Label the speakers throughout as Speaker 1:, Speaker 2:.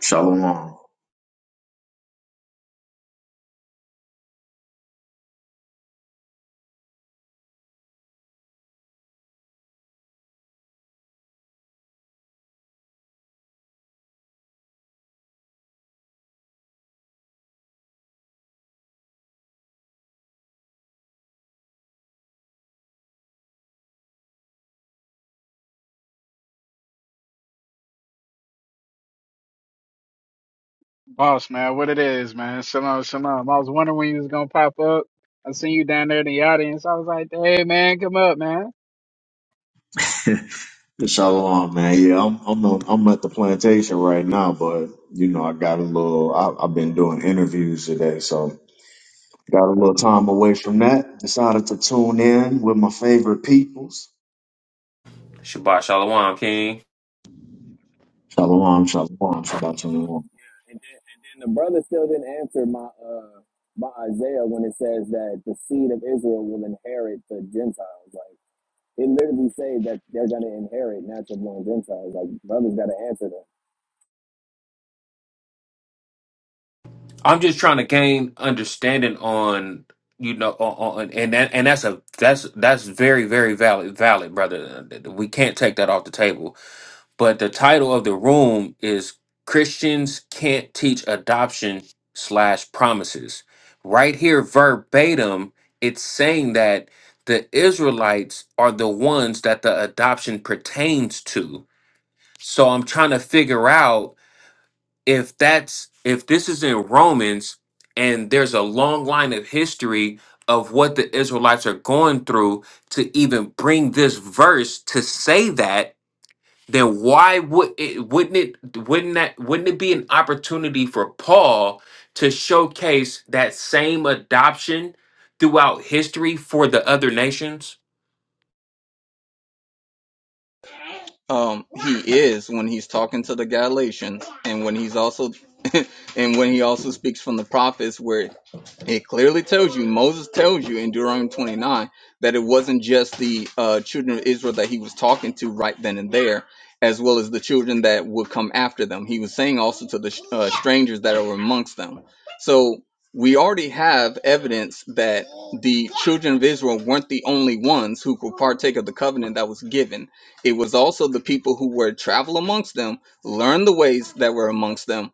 Speaker 1: Shalom.
Speaker 2: Boss man, what it is, man. Shalom, shalom. I was wondering when you was gonna pop up. I seen you down there in the audience. I was like, hey man, come up, man.
Speaker 1: Shalom, man. Yeah, I'm I'm on, I'm at the plantation right now, but you know I got a little. I, I've been doing interviews today, so got a little time away from that. Decided to tune in with my favorite peoples.
Speaker 3: Shabbat Shalom, King.
Speaker 1: Shalom, shalom, shalom, shalom.
Speaker 4: And then, and then the brother still didn't answer my uh my Isaiah when it says that the seed of Israel will inherit the Gentiles. Like it literally say that they're gonna inherit natural born Gentiles. Like brothers gotta answer that.
Speaker 3: I'm just trying to gain understanding on you know on, on and that and that's a that's that's very very valid valid brother. We can't take that off the table. But the title of the room is Christians can't teach adoption slash promises. Right here, verbatim, it's saying that the Israelites are the ones that the adoption pertains to. So I'm trying to figure out if that's if this is in Romans and there's a long line of history of what the Israelites are going through to even bring this verse to say that then why would it wouldn't it wouldn't that wouldn't it be an opportunity for Paul to showcase that same adoption throughout history for the other nations?
Speaker 5: Um, he is when he's talking to the Galatians, and when he's also, and when he also speaks from the prophets, where it clearly tells you, Moses tells you in Deuteronomy 29 that it wasn't just the uh, children of Israel that he was talking to right then and there, as well as the children that would come after them. He was saying also to the uh, strangers that are amongst them. So we already have evidence that the children of Israel weren't the only ones who could partake of the covenant that was given it was also the people who were travel amongst them, learn the ways that were amongst them,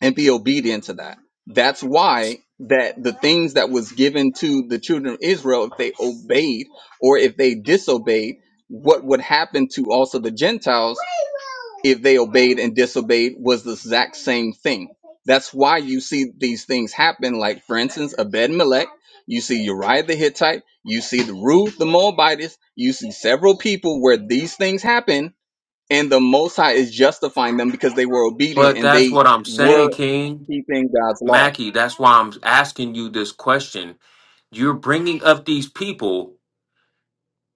Speaker 5: and be obedient to that. That's why that the things that was given to the children of Israel, if they obeyed or if they disobeyed, what would happen to also the Gentiles if they obeyed and disobeyed was the exact same thing. That's why you see these things happen. Like for instance, Abed Melech, you see Uriah the Hittite, you see the Ruth the Moabitess, you see several people where these things happen and the Most High is justifying them because they were obedient
Speaker 3: But
Speaker 5: and
Speaker 3: that's
Speaker 5: they
Speaker 3: what I'm
Speaker 5: were
Speaker 3: saying, King
Speaker 5: keeping God's law.
Speaker 3: Mackie. That's why I'm asking you this question. You're bringing up these people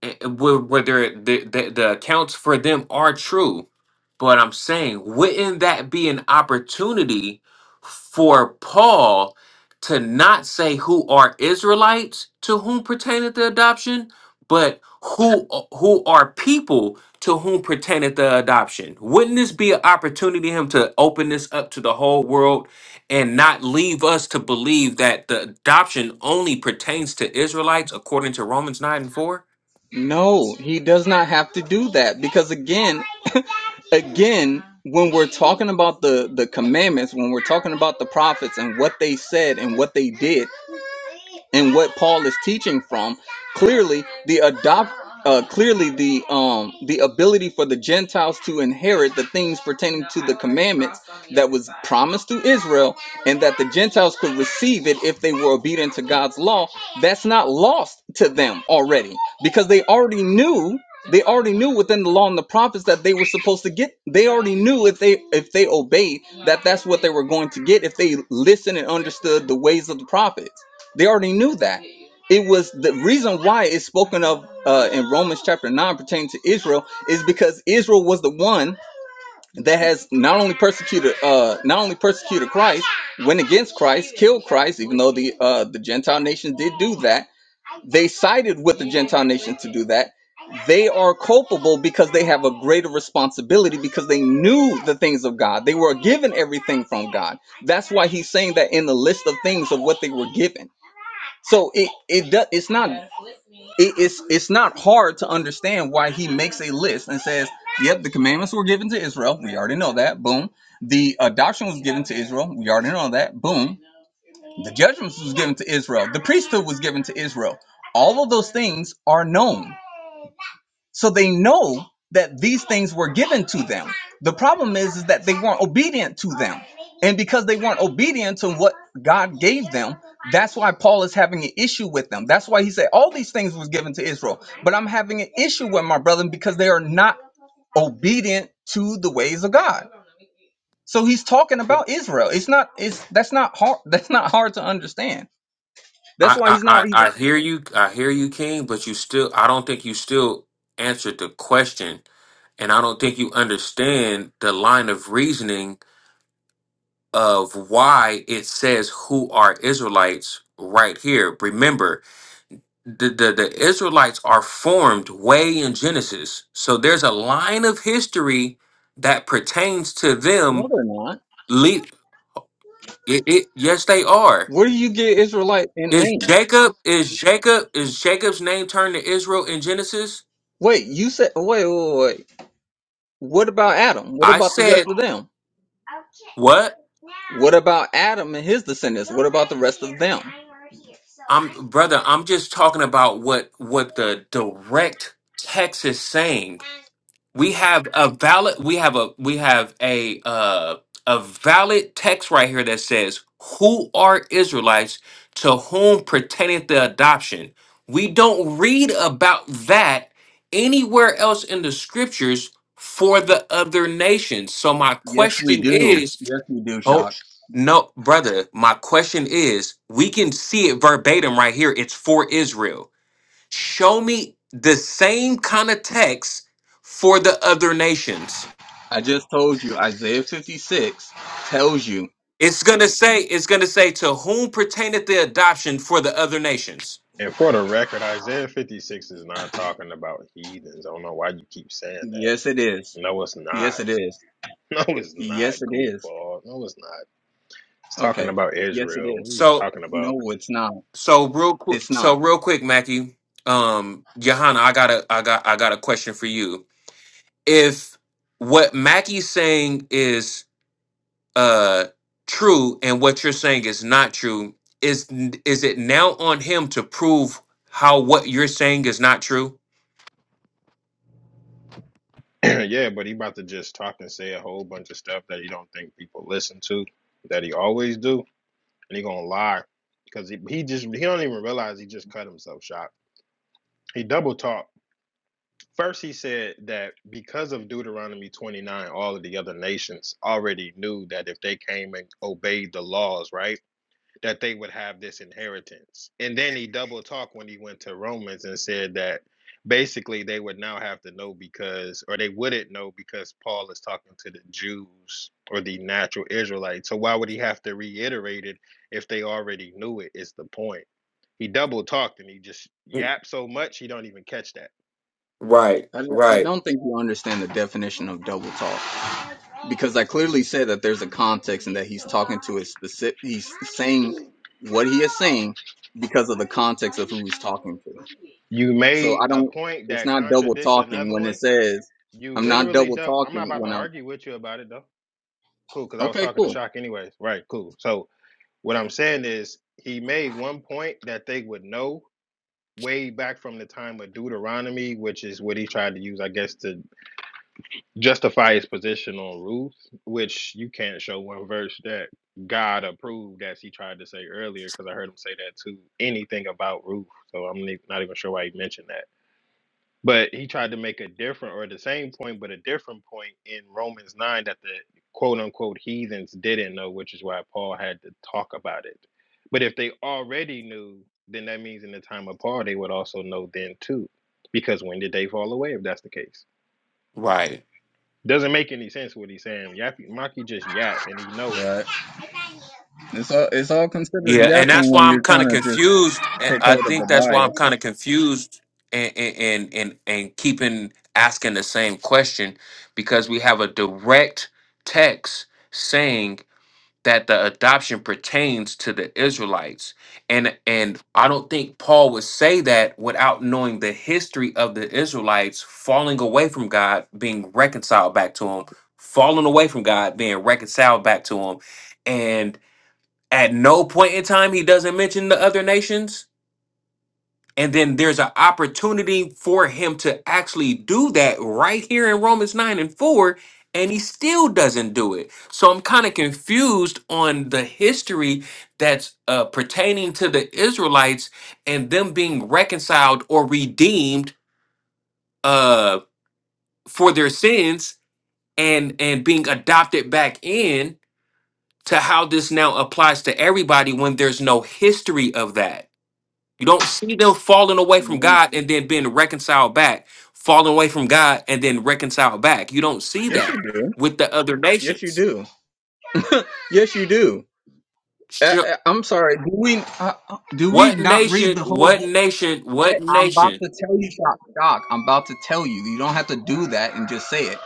Speaker 3: eh, where where they're- the, the the accounts for them are true but i'm saying wouldn't that be an opportunity for paul to not say who are israelites to whom pertaineth the adoption but who who are people to whom pertaineth the adoption wouldn't this be an opportunity for him to open this up to the whole world and not leave us to believe that the adoption only pertains to israelites according to romans 9 and 4
Speaker 5: No, he does not have to do that because again, again, when we're talking about the the commandments, when we're talking about the prophets and what they said and what they did, and what Paul is teaching from, clearly the adopt, uh, clearly the um the ability for the Gentiles to inherit the things pertaining to the commandments that was promised to Israel, and that the Gentiles could receive it if they were obedient to God's law. That's not lost to them already because they already knew. They already knew within the law and the prophets that they were supposed to get. They already knew if they if they obeyed that that's what they were going to get if they listened and understood the ways of the prophets. They already knew that. It was the reason why it's spoken of uh, in Romans chapter 9 pertaining to Israel is because Israel was the one that has not only persecuted uh, not only persecuted Christ, went against Christ, killed Christ, even though the uh, the Gentile nations did do that. They sided with the Gentile nations to do that. They are culpable because they have a greater responsibility because they knew the things of God. They were given everything from God. That's why he's saying that in the list of things of what they were given so it it does it's not it, it's it's not hard to understand why he makes a list and says, "Yep, the commandments were given to Israel. We already know that. Boom. The adoption was given to Israel. We already know that. Boom. The judgments was given to Israel. The priesthood was given to Israel. All of those things are known. So they know that these things were given to them. The problem is, is that they weren't obedient to them. And because they weren't obedient to what God gave them, that's why Paul is having an issue with them. That's why he said all these things was given to Israel, but I'm having an issue with my brethren because they are not obedient to the ways of God. So he's talking about Israel. It's not it's that's not hard that's not hard to understand. That's
Speaker 3: I,
Speaker 5: why
Speaker 3: I,
Speaker 5: he's not
Speaker 3: I
Speaker 5: even
Speaker 3: I hear you. I hear you, King. But you still, I don't think you still answered the question, and I don't think you understand the line of reasoning of why it says who are Israelites right here. Remember, the the, the Israelites are formed way in Genesis, so there's a line of history that pertains to
Speaker 5: no
Speaker 3: them.
Speaker 5: they're not.
Speaker 3: Le- it, it, yes, they are.
Speaker 5: Where do you get Israelite in
Speaker 3: Is
Speaker 5: name?
Speaker 3: Jacob is Jacob is Jacob's name turned to Israel in Genesis?
Speaker 5: Wait, you said wait, wait, wait. What about Adam? What
Speaker 3: I
Speaker 5: about the rest
Speaker 3: said,
Speaker 5: of them?
Speaker 3: "What?
Speaker 5: What about Adam and his descendants? What about the rest of them?
Speaker 3: I'm brother. I'm just talking about what what the direct text is saying. We have a valid. We have a we have a uh, a valid text right here that says, "Who are Israelites to whom pertaineth the adoption?" We don't read about that anywhere else in the scriptures for the other nations. So my
Speaker 5: Yes, we
Speaker 3: question
Speaker 5: do.
Speaker 3: is,
Speaker 5: Yes, we do,
Speaker 3: Oh
Speaker 5: Shock.
Speaker 3: no, brother. My question is, we can see it verbatim right here. It's for Israel. Show me the same kind of text for the other nations.
Speaker 5: I just told you, Isaiah 56 tells you.
Speaker 3: It's gonna say, it's gonna say, to whom pertaineth the adoption for the other nations.
Speaker 6: And for the record, Isaiah 56 is not talking about heathens. I don't know why you keep saying that.
Speaker 5: Yes, it is.
Speaker 6: No, it's not.
Speaker 5: Yes, it is.
Speaker 6: No, it's not,
Speaker 5: Yes, it is.
Speaker 6: goofball. No, it's not. It's talking
Speaker 5: Okay.
Speaker 6: about
Speaker 5: Yes, it
Speaker 6: Israel. What
Speaker 5: is.
Speaker 6: are you
Speaker 3: So,
Speaker 6: talking about?
Speaker 5: No, it's not.
Speaker 3: so real quick,
Speaker 5: It's not.
Speaker 3: so real quick, Mackie, um, Johanna, I got a, I got, I got a question for you. If what Mackie's saying is uh true and what you're saying is not true is is it now on him to prove how what you're saying is not true
Speaker 6: yeah, but he about to just talk and say a whole bunch of stuff that he don't think people listen to, that he always do, and he gonna lie because he, he just he don't even realize he just cut himself shot. He double talk. First, he said that because of Deuteronomy 29, all of the other nations already knew that if they came and obeyed the laws, right, that they would have this inheritance. And then he double talked when he went to Romans and said that basically they would now have to know because, or they wouldn't know because Paul is talking to the Jews or the natural Israelites. So why would he have to reiterate it if they already knew it? Is the point. He double talked and he just yapped so much he don't even catch that.
Speaker 3: Right,
Speaker 5: I, I
Speaker 3: right.
Speaker 5: don't think you understand the definition of double talk because I clearly said that there's a context and that he's talking to a specific. He's saying what he is saying because of the context of who he's talking to.
Speaker 6: You
Speaker 5: So
Speaker 6: made
Speaker 5: I
Speaker 6: a
Speaker 5: don't.
Speaker 6: point
Speaker 5: It's
Speaker 6: that
Speaker 5: not double
Speaker 6: contradicts
Speaker 5: talking
Speaker 6: another
Speaker 5: when it
Speaker 6: one.
Speaker 5: says
Speaker 6: You
Speaker 5: I'm not
Speaker 6: literally
Speaker 5: double
Speaker 6: don't. I'm not
Speaker 5: talking
Speaker 6: about to
Speaker 5: when I'm.
Speaker 6: argue with you about it though. Cool, because I was
Speaker 5: Okay,
Speaker 6: talking to
Speaker 5: cool.
Speaker 6: Shock anyways. Right, cool. So what I'm saying is he made one point that they would know way back from the time of Deuteronomy, which is what he tried to use, I guess, to justify his position on rules, which you can't show one verse that God approved, as he tried to say earlier, because I heard him say that too. anything about Ruth. So I'm ne- not even sure why he mentioned that. But he tried to make a different or the same point, but a different point in Romans 9 that the quote unquote heathens didn't know, which is why Paul had to talk about it. But if they already knew, then that means in the time of Paul, they would also know then too. Because when did they fall away if that's the case?
Speaker 3: right
Speaker 6: Doesn't make any sense what he's saying. Yap, Maki just yap and he know it.
Speaker 5: Right. It's all it's all considered
Speaker 3: yeah and
Speaker 5: yapping
Speaker 3: that's why
Speaker 5: when
Speaker 3: i'm
Speaker 5: you're
Speaker 3: kind
Speaker 5: trying
Speaker 3: of
Speaker 5: to just
Speaker 3: confused and
Speaker 5: take
Speaker 3: i
Speaker 5: hold of a
Speaker 3: think that's why i'm
Speaker 5: bias.
Speaker 3: kind of confused and and and and keeping asking the same question because we have a direct text saying. that the adoption pertains to the Israelites. And and I don't think Paul would say that without knowing the history of the Israelites falling away from God, being reconciled back to him, falling away from God, being reconciled back to him. And at no point in time he doesn't mention the other nations and then there's an opportunity for him to actually do that right here in Romans 9 and 4, and he still doesn't do it. So I'm kind of confused on the history that's uh, pertaining to the Israelites and them being reconciled or redeemed uh, for their sins and, and being adopted back in to how this now applies to everybody when there's no history of that. You don't see them falling away from
Speaker 5: Mm,
Speaker 3: God and then being reconciled back, falling away from God and then reconciled back. You don't see
Speaker 5: Yes,
Speaker 3: that
Speaker 5: you do.
Speaker 3: with the other
Speaker 5: Yes, you
Speaker 3: nations.
Speaker 5: do. Yes, you do. Uh,
Speaker 3: Sure.
Speaker 5: uh, I'm sorry. Do we uh, uh, do we
Speaker 3: What
Speaker 5: not read
Speaker 3: nation,
Speaker 5: the whole
Speaker 3: what
Speaker 5: book?
Speaker 3: nation,
Speaker 5: Wait,
Speaker 3: what
Speaker 5: I'm about
Speaker 3: nation?
Speaker 5: to tell you, Doc. Doc, I'm about to tell you. You don't have to do that and just say it.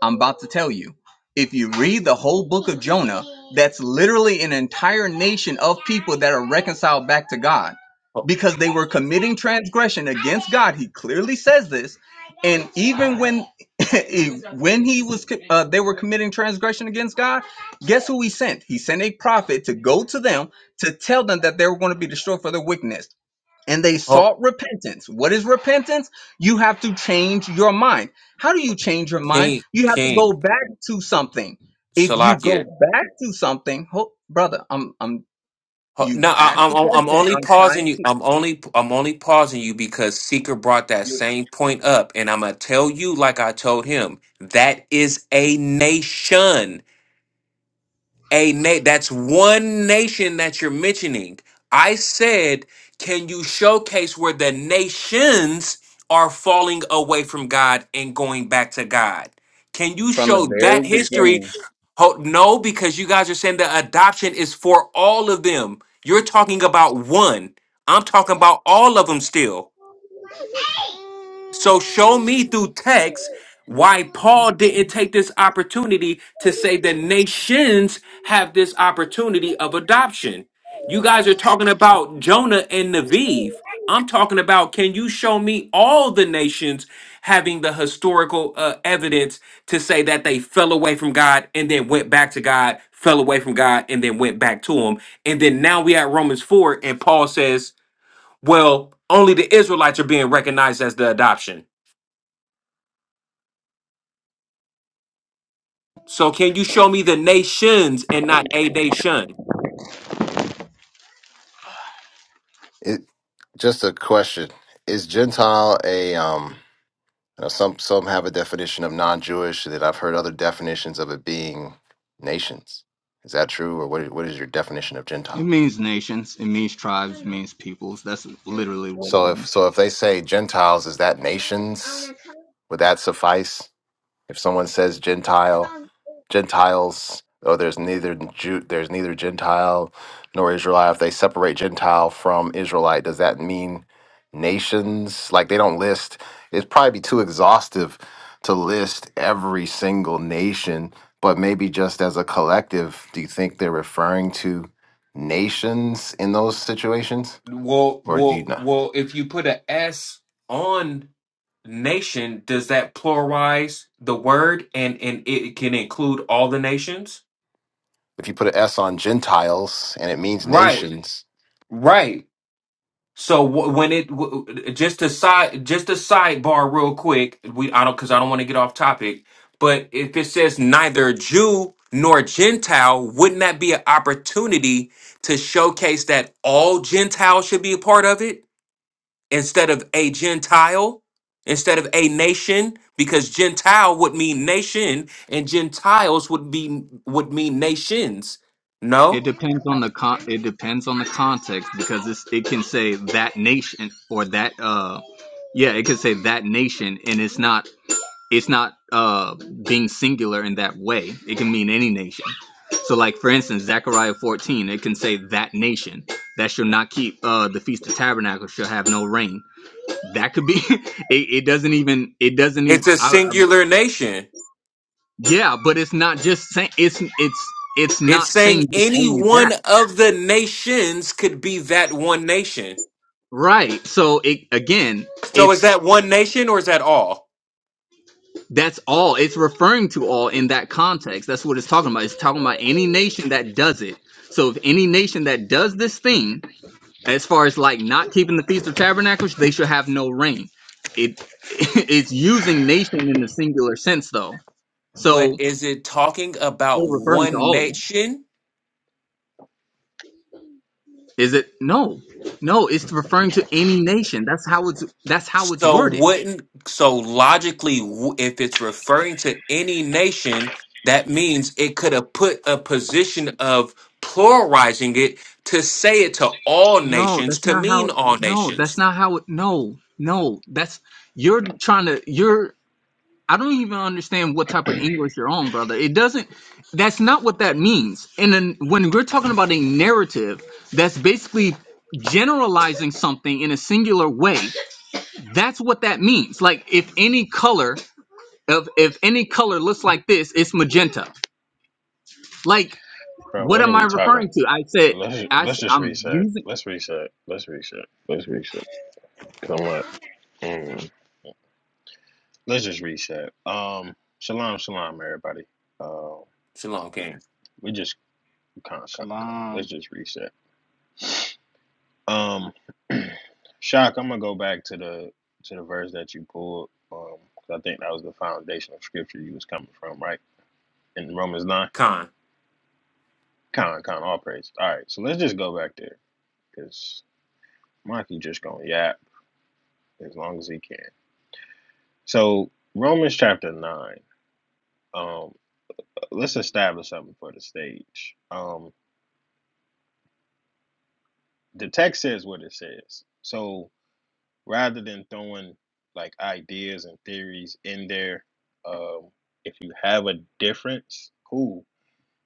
Speaker 5: I'm about to tell you. If you read the whole book of Jonah, that's literally an entire nation of people that are reconciled back to God
Speaker 3: Oh,
Speaker 5: because they were committing transgression against God. He clearly says this. And even when when he was uh, they were committing transgression against God, guess who he sent? He sent a prophet to go to them to tell them that they were going to be destroyed for their wickedness and they
Speaker 3: oh,
Speaker 5: sought repentance. What is repentance? You have to change your mind. How do you change your mind?
Speaker 3: King,
Speaker 5: You have to go
Speaker 3: King,
Speaker 5: back to something. If you go
Speaker 3: Salakia.
Speaker 5: back to something, ho brother, I'm I'm
Speaker 3: Oh,
Speaker 5: you
Speaker 3: No, I,
Speaker 5: asked
Speaker 3: I'm
Speaker 5: the
Speaker 3: I'm I'm
Speaker 5: question.
Speaker 3: only
Speaker 5: I'm
Speaker 3: pausing
Speaker 5: trying
Speaker 3: you.
Speaker 5: to
Speaker 3: I'm only I'm only pausing you because Seeker brought that
Speaker 5: you're
Speaker 3: same point up, and I'm gonna tell you like I told him that is a nation a na- that's one nation that you're mentioning. I said, can you showcase where the nations are falling away from God and going back to God? Can you
Speaker 5: from the
Speaker 3: show
Speaker 5: very
Speaker 3: that history?
Speaker 5: beginning.
Speaker 3: Ho- No, because you guys are saying the adoption is for all of them. You're talking about one. I'm talking about all of them still. So show me through text why Paul didn't take this opportunity to say the nations have this opportunity of adoption. You guys are talking about Jonah and Neviv. I'm talking about can you show me all the nations having the historical uh, evidence to say that they fell away from God and then went back to God, fell away from God and then went back to him. And then now we at Romans 4 and Paul says, well, only the Israelites are being recognized as the adoption. So can you show me the nations and not a nation?
Speaker 7: It, just a question: Is Gentile a um? You know, some some have a definition of non-Jewish, and then I've heard other definitions of it being nations. Is that true, or what? What is your definition of
Speaker 5: It
Speaker 7: Gentiles?
Speaker 5: means nations, it means tribes, it means peoples. That's literally what it
Speaker 7: So if
Speaker 5: means.
Speaker 7: so, if they say Gentiles, is that nations? Would that suffice? If someone says Gentile, Gentiles, oh, there's neither Jew, there's neither Gentile nor Israelite. If they separate Gentile from Israelite, does that mean nations? Like they don't list. It'd probably be too exhaustive to list every single nation, but maybe just as a collective, do you think they're referring to nations in those situations,
Speaker 3: Well,
Speaker 7: or do you
Speaker 3: well,
Speaker 7: know?
Speaker 3: well. If you put a S on nation, does that pluralize the word and and it can include all the nations?
Speaker 7: If you put an S on Gentiles and it means
Speaker 3: Right,
Speaker 7: nations,
Speaker 3: right. So wh- when it w- just a side just a sidebar real quick, we I don't because I don't want to get off topic. But if it says neither Jew nor Gentile, wouldn't that be an opportunity to showcase that all Gentiles should be a part of it instead of a Gentile, instead of a nation? Because Gentile would mean nation, and Gentiles would be would mean nations.
Speaker 5: It
Speaker 3: No,
Speaker 5: depends on the con it depends on the context because it's, it can say that nation or that uh yeah, it could say that nation, and it's not. it's not uh, being singular in that way. It can mean any nation. So, like for instance, Zechariah 14, it can say that nation that shall not keep uh, the feast of tabernacles shall have no rain. That could be. it, it doesn't even. It doesn't even.
Speaker 3: it's a
Speaker 5: I, I,
Speaker 3: singular nation.
Speaker 5: yeah, but it's not just saying. It's it's it's
Speaker 3: It's
Speaker 5: not
Speaker 3: saying
Speaker 5: saying just
Speaker 3: any
Speaker 5: only that.
Speaker 3: one of the nations could be that one nation.
Speaker 5: Right. So it again.
Speaker 3: So is
Speaker 5: It's
Speaker 3: that one nation or is that all?
Speaker 5: That's all. It's referring to all in that context. That's what it's talking about. It's talking about any nation that does it. So if any nation that does this thing, as far as like not keeping the feast of tabernacles, they should have no rain. It it's using nation in the singular sense though.
Speaker 3: But
Speaker 5: So
Speaker 3: is it talking about
Speaker 5: it's referring to
Speaker 3: one
Speaker 5: all of them.
Speaker 3: nation?
Speaker 5: Is it no. No, it's referring to any nation. That's how it's that's how it's
Speaker 3: So
Speaker 5: worded.
Speaker 3: wouldn't so logically w- if it's referring to any nation, that means it could have put a position of pluralizing it to say it to all
Speaker 5: No,
Speaker 3: nations,
Speaker 5: that's
Speaker 3: to
Speaker 5: not how
Speaker 3: mean all
Speaker 5: no, that's
Speaker 3: nations.
Speaker 5: not how it no, no, that's you're trying to you're I don't even understand what type of English you're on, brother. It doesn't. That's not what that means. And then when we're talking about a narrative, that's basically generalizing something in a singular way. That's what that means. Like if any color of if any color looks like this, it's magenta. Like
Speaker 6: Bro,
Speaker 5: what
Speaker 6: what are
Speaker 5: am I
Speaker 6: we talking?
Speaker 5: referring to? I said
Speaker 6: Let's
Speaker 5: I,
Speaker 6: let's just
Speaker 5: am
Speaker 6: reset.
Speaker 5: using
Speaker 6: Let's reset. Let's reset. Let's reset. Come on. Mm. Let's just reset. Um, shalom, shalom, everybody. Uh,
Speaker 3: Shalom King.
Speaker 6: we just con, con, con. Let's
Speaker 2: Shalom.
Speaker 6: just reset. Um, shock. I'm gonna go back to the to the verse that you pulled. because I think that was the foundational scripture you was coming from, right? In Romans nine.
Speaker 3: Khan.
Speaker 6: Con, con. All praise. All right. So let's just go back there, cause Mikey just gonna yap as long as he can. So Romans chapter nine. Um, let's establish something for the stage. Um, the text says what it says. So rather than throwing like ideas and theories in there, um, if you have a difference, cool.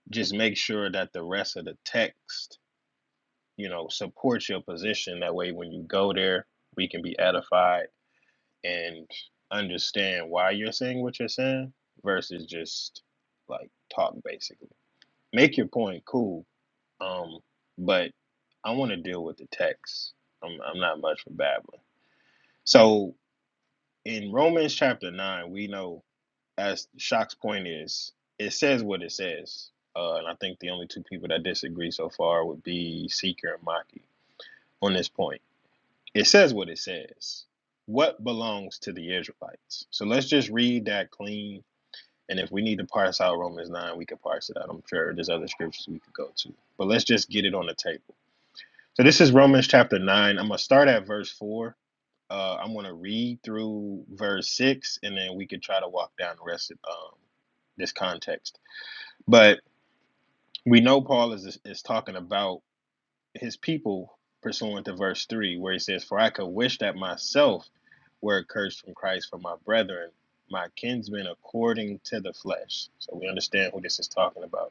Speaker 6: Just make sure that the rest of the text, you know, supports your position. That way, when you go there, we can be edified and understand why you're saying what you're saying versus just like talk basically. Make your point cool, um, but I want to deal with the text. I'm, I'm not much for babbling. So in Romans chapter nine, we know as Shock's point is, it says what it says. Uh, and I think the only two people that disagree so far would be Seeker and Maki on this point. It says what it says. What belongs to the Israelites? So let's just read that clean. And if we need to parse out Romans 9, we can parse it out. I'm sure there's other scriptures we could go to. But let's just get it on the table. So this is Romans chapter 9. I'm going to start at verse 4 Uh, I'm going to read through verse six, and then we could try to walk down the rest of um, this context. But we know Paul is is talking about his people pursuant to verse three, where he says, "For I could wish that myself were accursed from Christ for my brethren, my kinsmen, according to the flesh." So we understand who this is talking about.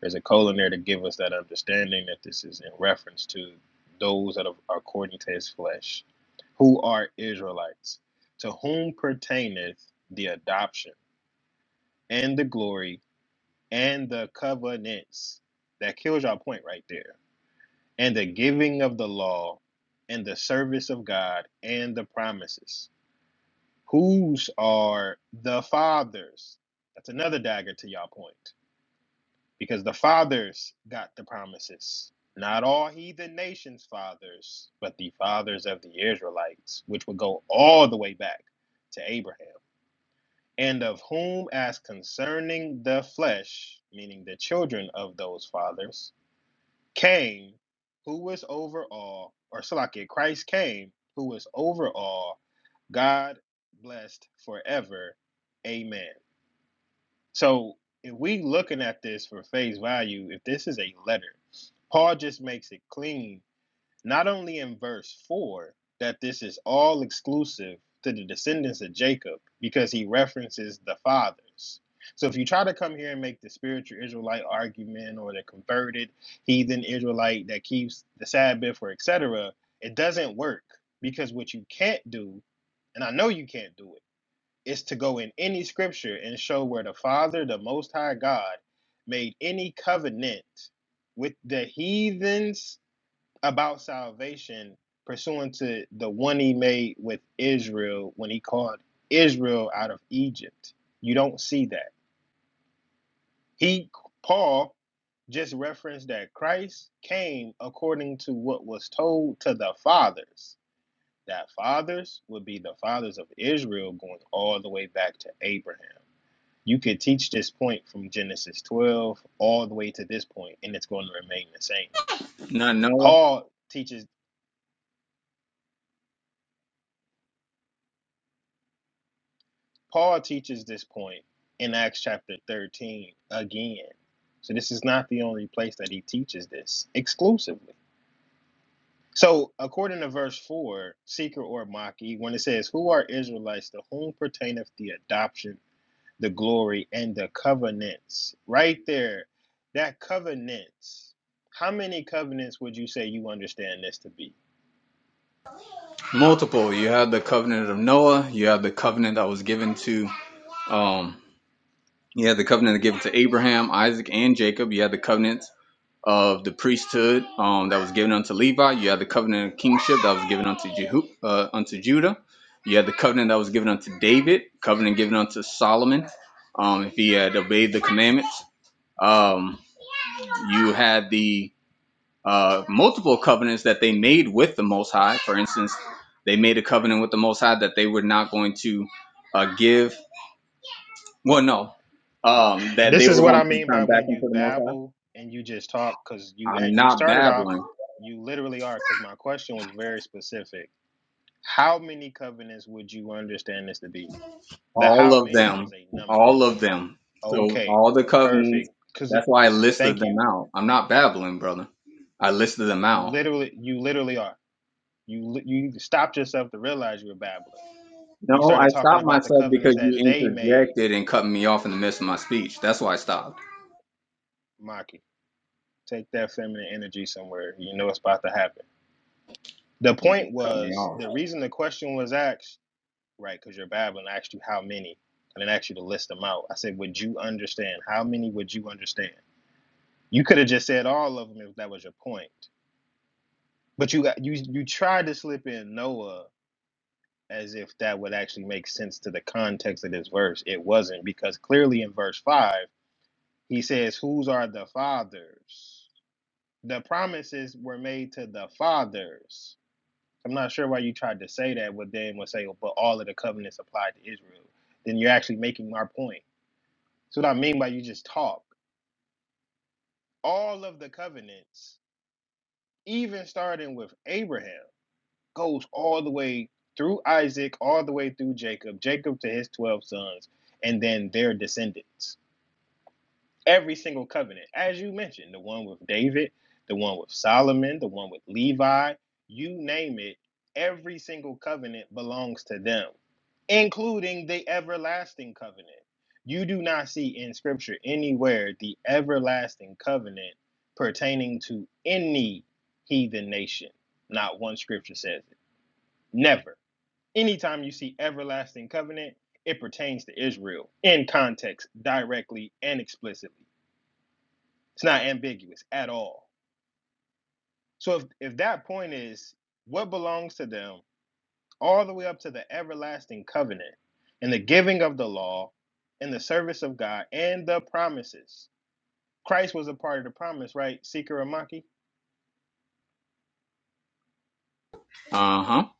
Speaker 6: There's a colon there to give us that understanding that this is in reference to those that are according to his flesh, who are Israelites, to whom pertaineth the adoption and the glory and the covenants. That kills our point right there. And the giving of the law and the service of God and the promises. Whose are the fathers? That's another dagger to y'all point. because the fathers got the promises. Not all heathen nations' fathers, but the fathers of the Israelites, which would go all the way back to Abraham, and of whom, as concerning the flesh, meaning the children of those fathers, came who was over all, or Salakia, Christ came who was over all, God blessed forever. Amen. So if we looking at this for face value, if this is a letter, Paul just makes it clean, not only in verse four, that this is all exclusive to the descendants of Jacob, because he references the fathers. So if you try to come here and make the spiritual Israelite argument or the converted heathen Israelite that keeps the Sabbath or etc., it doesn't work because what you can't do, and I know you can't do it is to go in any scripture and show where the Father, the Most High God, made any covenant with the heathens about salvation, pursuant to the one he made with Israel when he called Israel out of Egypt. You don't see that. He, Paul, just referenced that Christ came according to what was told to the fathers. That fathers would be the fathers of Israel going all the way back to Abraham. You could teach this point from Genesis 12 all the way to this point, and it's going to remain the same.
Speaker 5: not Noah.
Speaker 6: Paul teaches Paul teaches this point in Acts chapter 13 again. So this is not the only place that he teaches this exclusively. So according to verse 4, seeker or maki, when it says, Who are Israelites to whom pertaineth the adoption the glory and the covenants. Right there, that covenants. How many covenants would you say you understand this to be?
Speaker 5: Multiple. You have the covenant of Noah. You have the covenant that was given to. um. You had the covenant given to Abraham, Isaac, and Jacob. You had the covenant of the priesthood um, that was given unto Levi. You had the covenant of kingship that was given unto Jehu, uh, unto Judah. You had the covenant that was given unto David. Covenant given unto Solomon, um, if he had obeyed the commandments. Um, you had the uh, multiple covenants that they made with the Most High. For instance, they made a covenant with the Most High that they were not going to uh, give. Well, no, um, that they
Speaker 6: This
Speaker 5: were
Speaker 6: is what I
Speaker 5: going to
Speaker 6: mean
Speaker 5: turn
Speaker 6: by
Speaker 5: back
Speaker 6: when you
Speaker 5: into the Most High.
Speaker 6: babble and you just talk, because you
Speaker 5: I'm
Speaker 6: eh, you
Speaker 5: not
Speaker 6: started off,
Speaker 5: babbling.
Speaker 6: you literally are, because my question was very specific. How many covenants would you understand this to be? The
Speaker 5: All
Speaker 6: how
Speaker 5: of
Speaker 6: many was
Speaker 5: them,
Speaker 6: a number.
Speaker 5: all of them. So
Speaker 6: Okay,
Speaker 5: all the covenants.
Speaker 6: perfect. Because
Speaker 5: That's
Speaker 6: it,
Speaker 5: why I listed
Speaker 6: thank
Speaker 5: them
Speaker 6: you.
Speaker 5: out. I'm not babbling, brother. I listed them
Speaker 6: You
Speaker 5: out.
Speaker 6: literally, you literally are. You li- you stopped yourself to realize you were babbling when you
Speaker 5: No,
Speaker 6: started
Speaker 5: I
Speaker 6: talking
Speaker 5: stopped
Speaker 6: about the
Speaker 5: myself because
Speaker 6: covenants
Speaker 5: you
Speaker 6: that they made,
Speaker 5: interjected and cut me off in the midst of my speech. That's why I stopped.
Speaker 6: Maki, take that feminine energy somewhere. You know it's about to happen. The
Speaker 5: You
Speaker 6: point
Speaker 5: cut me
Speaker 6: was
Speaker 5: off.
Speaker 6: the reason the question was asked, right? Because you're babbling. I asked you how many. I didn't ask you to list them out. I said, would you understand? How many would you understand? You could have just said all of them if that was your point. But you got you you tried to slip in Noah as if that would actually make sense to the context of this verse. It wasn't because clearly in verse five he says, "Whose are the fathers?" The promises were made to the fathers. I'm not sure why you tried to say that, but then would say, "Oh, but all of the covenants applied to Israel. Then you're actually making my point. So what I mean by you just talk. All of the covenants, even starting with Abraham, goes all the way through Isaac, all the way through Jacob, Jacob to his 12 sons, and then their descendants. every single covenant, as you mentioned, the one with David, the one with Solomon, the one with Levi, you name it, every single covenant belongs to them, including the everlasting covenant. You do not see in scripture anywhere the everlasting covenant pertaining to any heathen nation. Not one scripture says it. Never. Anytime you see everlasting covenant, it pertains to Israel in context, directly and explicitly. It's not ambiguous at all. So if, if that point is what belongs to them all the way up to the everlasting covenant and the giving of the law and the service of God and the promises. Christ was a part of the promise, right? Seeker and Maki?
Speaker 5: Uh huh.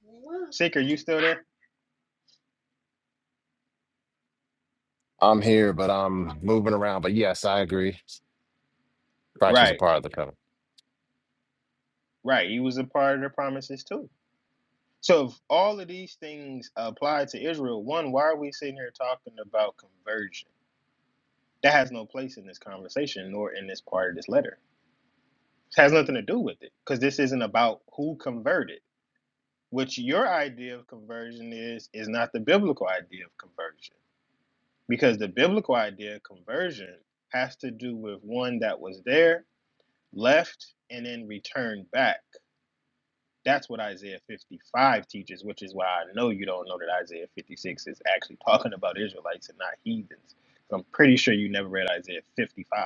Speaker 6: Seeker, you still there?
Speaker 7: I'm here. You
Speaker 6: Right, right. He was a part of the promises too. So if all of these things apply to Israel, one, why are we sitting here talking about conversion? That has no place in this conversation nor in this part of this letter. has nothing to do with it because this isn't about who converted which your idea of conversion is is not the biblical idea of conversion because the biblical idea of conversion has to do with one that was there left and then returned back that's what isaiah 55 teaches which is why i know you don't know that isaiah 56 is actually talking about israelites and not heathens i'm pretty sure you never read isaiah 55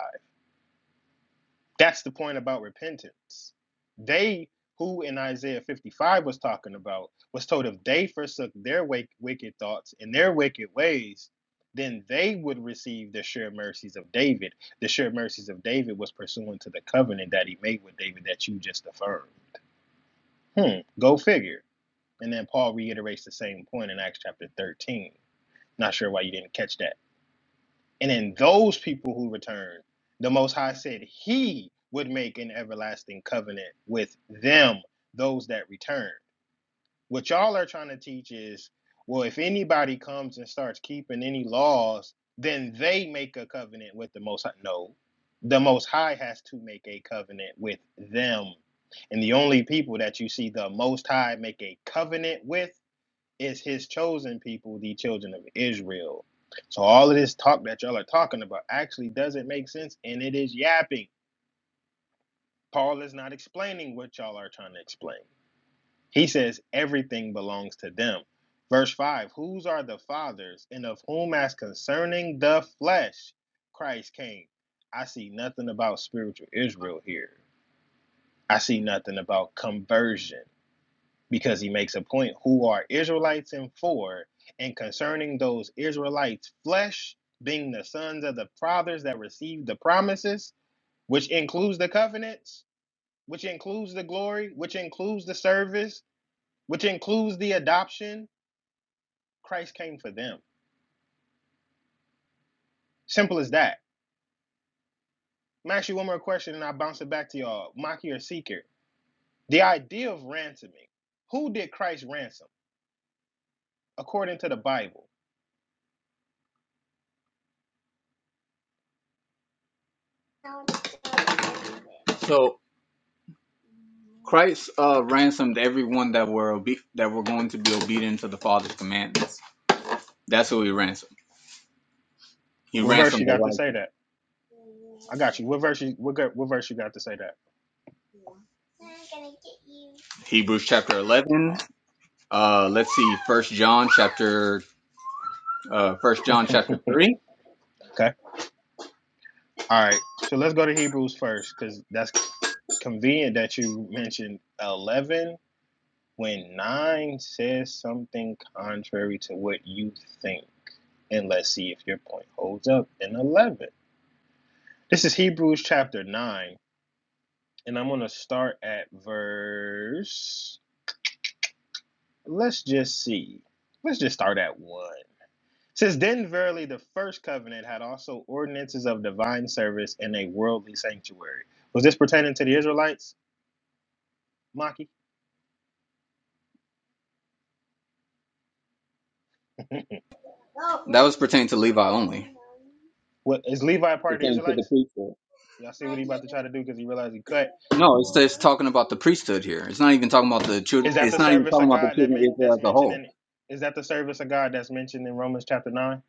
Speaker 6: That's the point about repentance. They who in Isaiah 55 was talking about was told if they forsook their wicked thoughts and their wicked ways, then they would receive the sure mercies of David. The sure mercies of David was pursuant to the covenant that he made with David that you just affirmed. Hmm, go figure. And then Paul reiterates the same point in Acts chapter 13. Not sure why you didn't catch that. And in those people who return, the Most High said he would make an everlasting covenant with them, those that return. What y'all are trying to teach is well, if anybody comes and starts keeping any laws, then they make a covenant with the Most High. No, the Most High has to make a covenant with them. And the only people that you see the Most High make a covenant with is his chosen people, the children of Israel. So all of this talk that y'all are talking about actually doesn't make sense and it is yapping. Paul is not explaining what y'all are trying to explain. He says everything belongs to them. Verse 5 Whose are the fathers, and of whom, as concerning the flesh, Christ came? I see nothing about spiritual Israel here. I see nothing about conversion. because he makes a point who are Israelites and for, and concerning those Israelites' flesh being the sons of the fathers that received the promises, which includes the covenants, which includes the glory, which includes the service, which includes the adoption. Christ came for them. Simple as that. I'm gonna ask you one more question and I'll bounce it back to y'all, Maki or Seeker. The idea of ransoming, who did Christ ransom according to the Bible?
Speaker 5: So Christ uh, ransomed everyone that were obe- that were going to be obedient to the Father's commandments. That's who he ransomed. He
Speaker 6: What verse
Speaker 5: ransomed
Speaker 6: you
Speaker 5: the
Speaker 6: got to say
Speaker 5: righteous.
Speaker 6: that? I got you. What verse? You, what what verse you got to say
Speaker 5: Hebrews chapter 11. Uh, let's see. First John chapter, uh, First John
Speaker 6: that?
Speaker 5: chapter 3.
Speaker 6: Okay. All right. So let's go to Hebrews first, because that's convenient that you mentioned eleven when nine says something contrary to what you think. And let's see if your point holds up in eleven. This is Hebrews chapter nine, and I'm gonna start at verse. Let's just see. Let's just start at one. Since then, verily, the first covenant had also ordinances of divine service and a worldly sanctuary. Was this pertaining to the Israelites, Maki?
Speaker 5: That was pertaining to Levi only.
Speaker 6: What is Levi a part of the
Speaker 5: Pertaining to the
Speaker 6: Israelites?
Speaker 5: priesthood.
Speaker 6: Y'all see what he about to try to do because he realized he cut.
Speaker 5: No, it's, it's talking about the priesthood here. It's not even talking about the children.
Speaker 6: Is that
Speaker 5: It's
Speaker 6: the
Speaker 5: not even
Speaker 6: service
Speaker 5: talking
Speaker 6: of
Speaker 5: about the
Speaker 6: God that
Speaker 5: children of
Speaker 6: men-
Speaker 5: Israel
Speaker 6: that's
Speaker 5: as a
Speaker 6: mentioned
Speaker 5: whole.
Speaker 6: in? Is that the service of God that's mentioned in Romans chapter nine?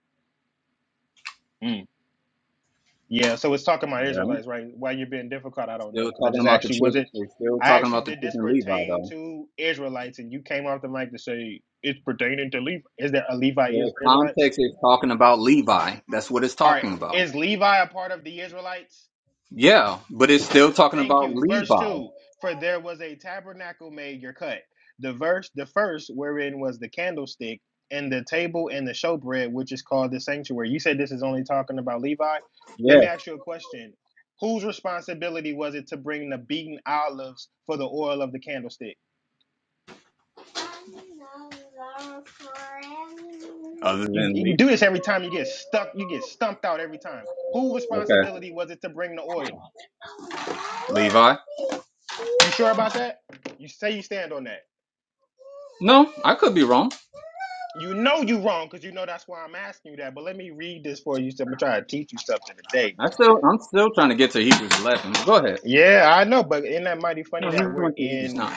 Speaker 6: Yeah, so it's talking about
Speaker 5: Yeah.
Speaker 6: Israelites, right? Why you're being difficult, I don't know,
Speaker 5: Still
Speaker 6: because I
Speaker 5: talking
Speaker 6: just
Speaker 5: about the
Speaker 6: actually was
Speaker 5: children.
Speaker 6: it.
Speaker 5: It's still
Speaker 6: I
Speaker 5: talking
Speaker 6: actually
Speaker 5: about the
Speaker 6: did this
Speaker 5: children of Levi
Speaker 6: pertain
Speaker 5: though.
Speaker 6: to Israelites, and you came off the mic to say it's pertaining to Levi. Is there a Levi
Speaker 5: The
Speaker 6: is Israelites?
Speaker 5: context is talking about Levi. That's what it's
Speaker 6: All right,
Speaker 5: talking about.
Speaker 6: is Levi a part of the Israelites?
Speaker 5: Yeah, but it's still talking
Speaker 6: Thank
Speaker 5: about
Speaker 6: you. Verse
Speaker 5: Levi.
Speaker 6: 2 For there was a tabernacle made your cut. The verse, the first wherein was the candlestick and the table and the showbread, which is called the sanctuary. You said this is only talking about Levi.
Speaker 5: Yeah.
Speaker 6: Let me ask you a question. Whose responsibility was it to bring the beaten olives for the oil of the candlestick?
Speaker 5: Other
Speaker 6: You,
Speaker 5: than
Speaker 6: you
Speaker 5: Le-
Speaker 6: do this every time you get stuck, you get stumped out every time. Whose
Speaker 5: okay,
Speaker 6: responsibility was it to bring the oil?
Speaker 5: Levi.
Speaker 6: You sure about that? You say you stand on that.
Speaker 5: No, I could be wrong.
Speaker 6: You know you wrong because you know that's why I'm asking you that. But let me read this for you. So I'm gonna try to teach you something today.
Speaker 5: I still, I'm still trying to get to Hebrews 11. Go ahead.
Speaker 6: Yeah, I know, but isn't that mighty
Speaker 5: No,
Speaker 6: funny
Speaker 5: he
Speaker 6: that we're
Speaker 5: went to Hebrews
Speaker 6: in
Speaker 5: 9.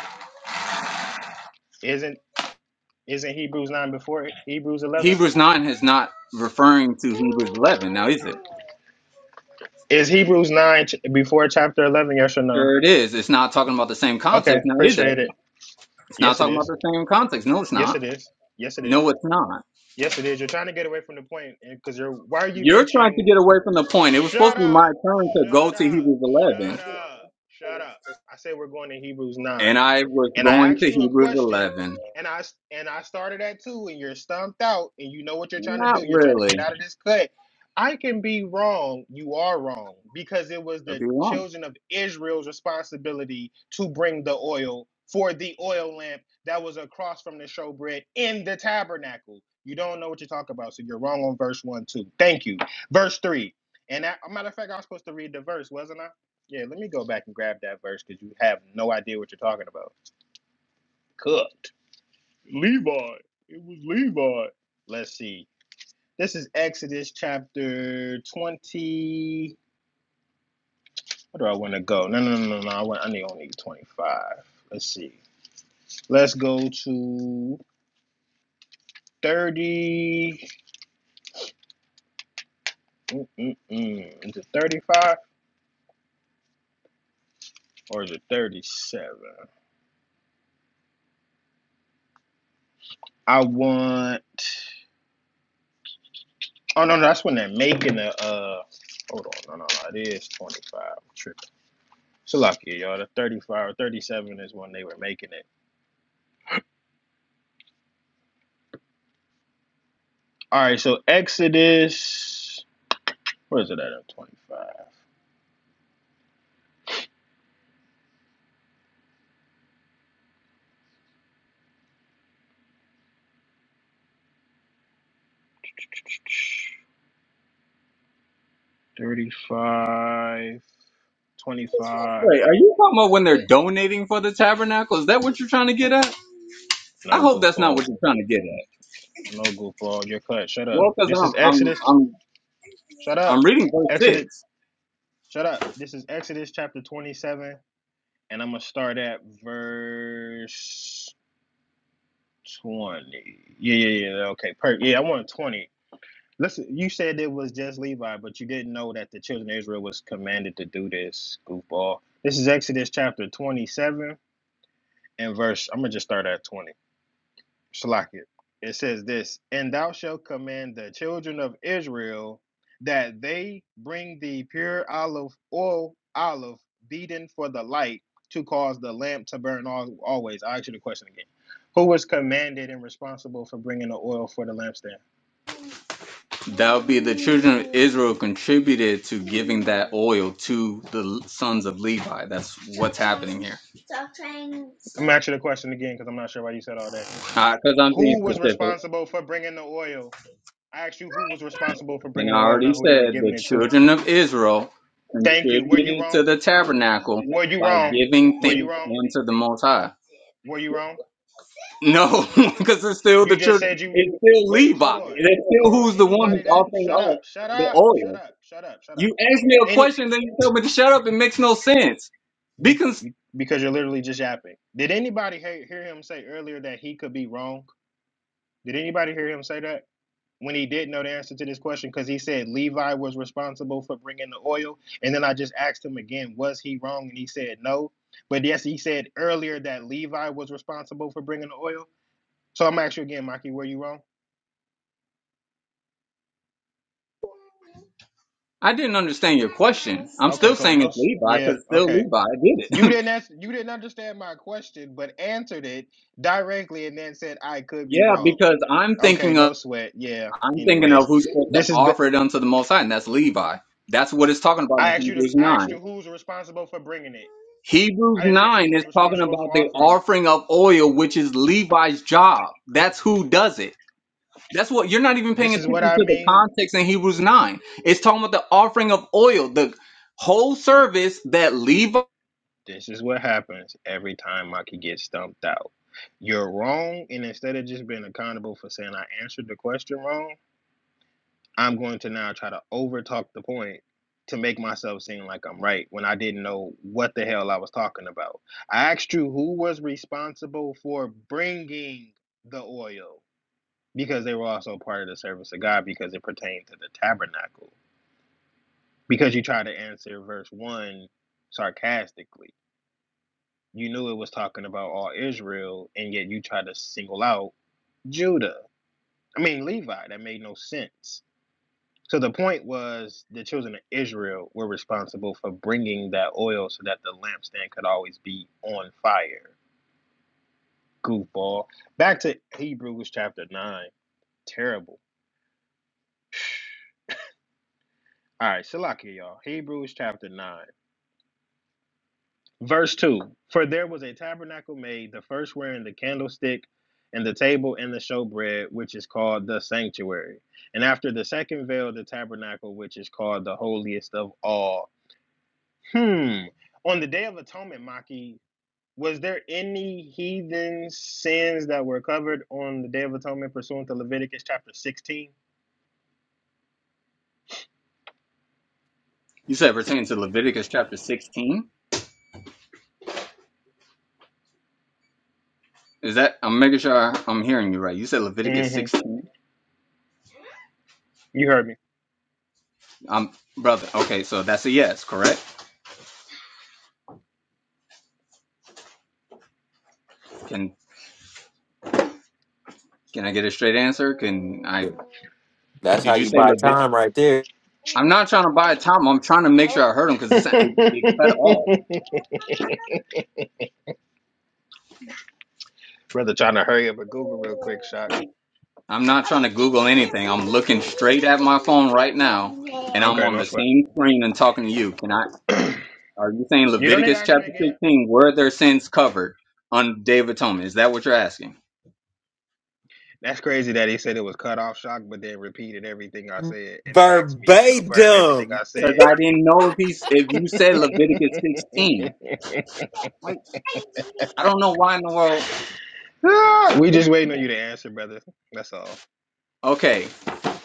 Speaker 6: isn't isn't Hebrews nine before Hebrews eleven?
Speaker 5: Hebrews 9 is not referring to Hebrews 11, now is it?
Speaker 6: Is Hebrews nine ch- before chapter eleven? Yes or no?
Speaker 5: Sure, it is. It's not talking about the same context,
Speaker 6: Okay,
Speaker 5: now is it?
Speaker 6: appreciate it.
Speaker 5: It's not
Speaker 6: Yes, it
Speaker 5: talking about
Speaker 6: is.
Speaker 5: the same context. No, it's
Speaker 6: Yes,
Speaker 5: not.
Speaker 6: it is. Yes, it is.
Speaker 5: No, it's not.
Speaker 6: Yes, it is. You're trying to get away from the point because you're. Why are you
Speaker 5: You're trying to
Speaker 6: mentioning?
Speaker 5: get away from the point. It was supposed
Speaker 6: Shut
Speaker 5: to be my
Speaker 6: up.
Speaker 5: turn to go
Speaker 6: Shut
Speaker 5: to
Speaker 6: up.
Speaker 5: Hebrews 11,
Speaker 6: Shut up. Shut up. I say we're going to Hebrews 9.
Speaker 5: and I was
Speaker 6: And I
Speaker 5: going
Speaker 6: asked
Speaker 5: to
Speaker 6: you a
Speaker 5: Hebrews
Speaker 6: question
Speaker 5: 11.
Speaker 6: and I and I started at 2 and you're stumped out and you know what you're trying to
Speaker 5: Not
Speaker 6: do. You're trying to
Speaker 5: really.
Speaker 6: get out of this cut. I can be wrong. You are wrong because it was
Speaker 5: Could
Speaker 6: the
Speaker 5: be wrong.
Speaker 6: children of Israel's responsibility to bring the oil for the oil lamp that was across from the showbread in the tabernacle. You don't know what you're talking about, so you're wrong on verse 1 too. Thank you. Verse 3. And that, a matter of fact, I was supposed to read the verse, wasn't I? Yeah, let me go back and grab that verse because you have no idea what you're talking about. Cooked. Levi. It was Levi. Let's see. This is Exodus chapter 20. Where do I want to go? No, no, no, no, no. I, want, I need only 25. Let's see. Let's go to 30. Mm-mm-mm. Is it 35 or is it 37? I want. Oh no, no, that's when they're making the uh. Hold on, no, no, no, it is twenty five. Tripping. So lucky, y'all. The 35, or 37 is when they were making it. All right, so Exodus. Where is it at? Twenty five. 35, twenty-five.
Speaker 5: Wait, are you talking about when they're donating for the tabernacle? Is that what you're trying to get at? I
Speaker 6: No
Speaker 5: hope that's not
Speaker 6: goofball.
Speaker 5: what you're trying to get at.
Speaker 6: No goofball. You're cut. Shut up.
Speaker 5: Well, because
Speaker 6: This
Speaker 5: I'm,
Speaker 6: is
Speaker 5: I'm,
Speaker 6: Exodus.
Speaker 5: I'm,
Speaker 6: Shut
Speaker 5: I'm
Speaker 6: up.
Speaker 5: reading verse
Speaker 6: Exodus.
Speaker 5: six.
Speaker 6: Shut up. This is Exodus chapter 27. And I'm going to start at verse. 20. Yeah, yeah, yeah. Okay, perfect. Yeah, I want 20. Listen, you said it was just Levi, but you didn't know that the children of Israel was commanded to do this, goofball. This is Exodus chapter 27 and verse, I'm going to just start at 20. Shalakia. It says this, and thou shalt command the children of Israel that they bring the pure olive oil, olive beaten for the light to cause the lamp to burn al- always. I ask you the question again. Who was commanded and responsible for bringing the oil for the lampstand?
Speaker 5: That would be the children of Israel contributed to giving that oil to the sons of Levi. That's what's happening here.
Speaker 6: I'm asking the question again because I'm not sure why you said all that.
Speaker 5: Because I'm being
Speaker 6: Who was
Speaker 5: specific.
Speaker 6: responsible for bringing the oil? I asked you who was responsible for
Speaker 5: And
Speaker 6: bringing the
Speaker 5: I
Speaker 6: oil,
Speaker 5: already
Speaker 6: not who they were
Speaker 5: said
Speaker 6: giving
Speaker 5: the
Speaker 6: it to.
Speaker 5: children of Israel
Speaker 6: Thank you. Were you
Speaker 5: contributed to
Speaker 6: wrong?
Speaker 5: the
Speaker 6: Were
Speaker 5: tabernacle
Speaker 6: you
Speaker 5: by
Speaker 6: wrong?
Speaker 5: giving
Speaker 6: Were you
Speaker 5: things
Speaker 6: wrong?
Speaker 5: unto the Most High.
Speaker 6: Were you wrong?
Speaker 5: No, because it's still
Speaker 6: You
Speaker 5: the
Speaker 6: just
Speaker 5: children.
Speaker 6: said you
Speaker 5: It's still
Speaker 6: wait, hold
Speaker 5: Levi.
Speaker 6: on.
Speaker 5: It's still
Speaker 6: Hold on.
Speaker 5: who's the one
Speaker 6: Anybody
Speaker 5: who's
Speaker 6: that
Speaker 5: offering
Speaker 6: shut
Speaker 5: up
Speaker 6: up, shut
Speaker 5: the
Speaker 6: up, shut
Speaker 5: oil.
Speaker 6: up, shut up, shut up.
Speaker 5: You ask me a
Speaker 6: Any
Speaker 5: question, then you tell me to shut up. It makes no sense.
Speaker 6: be,
Speaker 5: Because
Speaker 6: because you're literally just yapping. Did anybody hear, hear him say earlier that he could be wrong? Did anybody hear him say that when he didn't know the answer to this question because he said Levi was responsible for bringing the oil, and then I just asked him again, was he wrong? And he said no. But yes, he said earlier that Levi was responsible for bringing the oil. So I'm asking you again, Mikey, were you wrong?
Speaker 5: I didn't understand your question. I'm
Speaker 6: Okay,
Speaker 5: still
Speaker 6: cool.
Speaker 5: saying
Speaker 6: No,
Speaker 5: it's Levi
Speaker 6: yeah,
Speaker 5: because still
Speaker 6: okay.
Speaker 5: Levi did
Speaker 6: You
Speaker 5: it.
Speaker 6: didn't ask, you didn't understand my question, but answered it directly and then said I could be
Speaker 5: yeah,
Speaker 6: wrong.
Speaker 5: because I'm
Speaker 6: Okay,
Speaker 5: thinking of.
Speaker 6: no sweat. Yeah.
Speaker 5: I'm thinking of
Speaker 6: Anyways,
Speaker 5: who's supposed to
Speaker 6: this is.
Speaker 5: offer it unto the Most High, and that's Levi. That's what it's talking about
Speaker 6: I
Speaker 5: in
Speaker 6: asked you to.
Speaker 5: Hebrews
Speaker 6: I asked
Speaker 5: 9.
Speaker 6: you who's responsible for bringing it.
Speaker 5: Hebrews
Speaker 6: I didn't ask you
Speaker 5: 9 is
Speaker 6: who's
Speaker 5: talking
Speaker 6: responsible for
Speaker 5: about the
Speaker 6: offering it.
Speaker 5: offering of oil, which is Levi's job. That's who does it. That's what you're not even paying
Speaker 6: This is
Speaker 5: attention
Speaker 6: what I
Speaker 5: to the
Speaker 6: mean.
Speaker 5: context in Hebrews 9. It's talking about the offering of oil, the whole service that Levi.
Speaker 6: This is what happens every time I could get stumped out. You're wrong, and instead of just being accountable for saying I answered the question wrong, I'm going to now try to overtalk the point to make myself seem like I'm right when I didn't know what the hell I was talking about. I asked you who was responsible for bringing the oil because they were also part of the service of God because it pertained to the tabernacle. Because you tried to answer verse 1 sarcastically. You knew it was talking about all Israel, and yet you tried to single out Judah. I mean, Levi. That made no sense. So the point was the children of Israel were responsible for bringing that oil so that the lampstand could always be on fire. Goofball. Back to Hebrews chapter 9. Terrible. All right, Salakia, y'all. Hebrews chapter 9, verse 2. For there was a tabernacle made, the first wherein the candlestick and the table and the showbread, which is called the sanctuary. And after the second veil, the tabernacle, which is called the holiest of all. Hmm. On the day of atonement, Maki, was there any heathen sins that were covered on the Day of Atonement pursuant to Leviticus chapter 16?
Speaker 5: You said pertaining to Leviticus chapter 16. Is that I'm making sure I'm hearing you right? You said Leviticus
Speaker 6: hmm
Speaker 5: 16.
Speaker 6: You heard me.
Speaker 5: Um, brother. Okay, so that's a yes, correct? Can Can I get a straight answer? Can I?
Speaker 3: That's how
Speaker 5: Did you
Speaker 3: you
Speaker 5: say
Speaker 3: buy
Speaker 5: Levit?
Speaker 3: time right there.
Speaker 5: I'm not trying to buy a time. I'm trying to make sure I heard him because it, it, cut off.
Speaker 6: Brother trying to hurry up and Google real quick, Shock.
Speaker 5: I'm not trying to Google anything. I'm looking straight at my phone right now, and I'm
Speaker 6: Okay,
Speaker 5: on
Speaker 6: no
Speaker 5: the
Speaker 6: sweat.
Speaker 5: same screen and talking to you. Can I? Are you saying
Speaker 6: you don't need to
Speaker 5: Leviticus
Speaker 6: ask me
Speaker 5: chapter
Speaker 6: again.
Speaker 5: 16? Were their sins covered on Day of Atonement? Is that what you're asking?
Speaker 6: That's crazy that he said it was cut off, Shock, but then repeated everything I said and then asked me to confirm everything
Speaker 3: Verbatim.
Speaker 6: I
Speaker 5: Because
Speaker 6: said.
Speaker 5: I didn't know if he's if you said Leviticus 16. Like I don't know why in the world.
Speaker 6: Ah, we just waiting on you to answer, brother. That's all.
Speaker 5: Okay,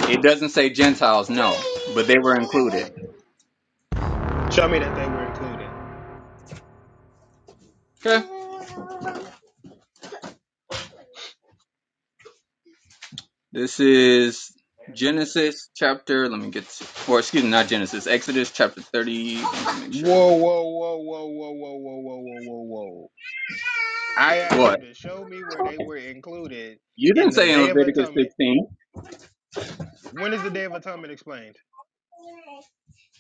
Speaker 5: it doesn't say Gentiles, no, but they were included.
Speaker 6: Show me that they were included.
Speaker 5: Okay. This is Genesis chapter. Let me get, to, or excuse me, not Genesis. Exodus chapter thirty. Let me make sure.
Speaker 6: Whoa, whoa, whoa, whoa, whoa, whoa, whoa, whoa, whoa, whoa, whoa. I asked you
Speaker 5: What
Speaker 6: to show me where they were included
Speaker 5: you didn't
Speaker 6: in the
Speaker 5: say in
Speaker 6: Day of
Speaker 5: Leviticus
Speaker 6: Atonement.
Speaker 5: sixteen?
Speaker 6: When is the Day of Atonement explained?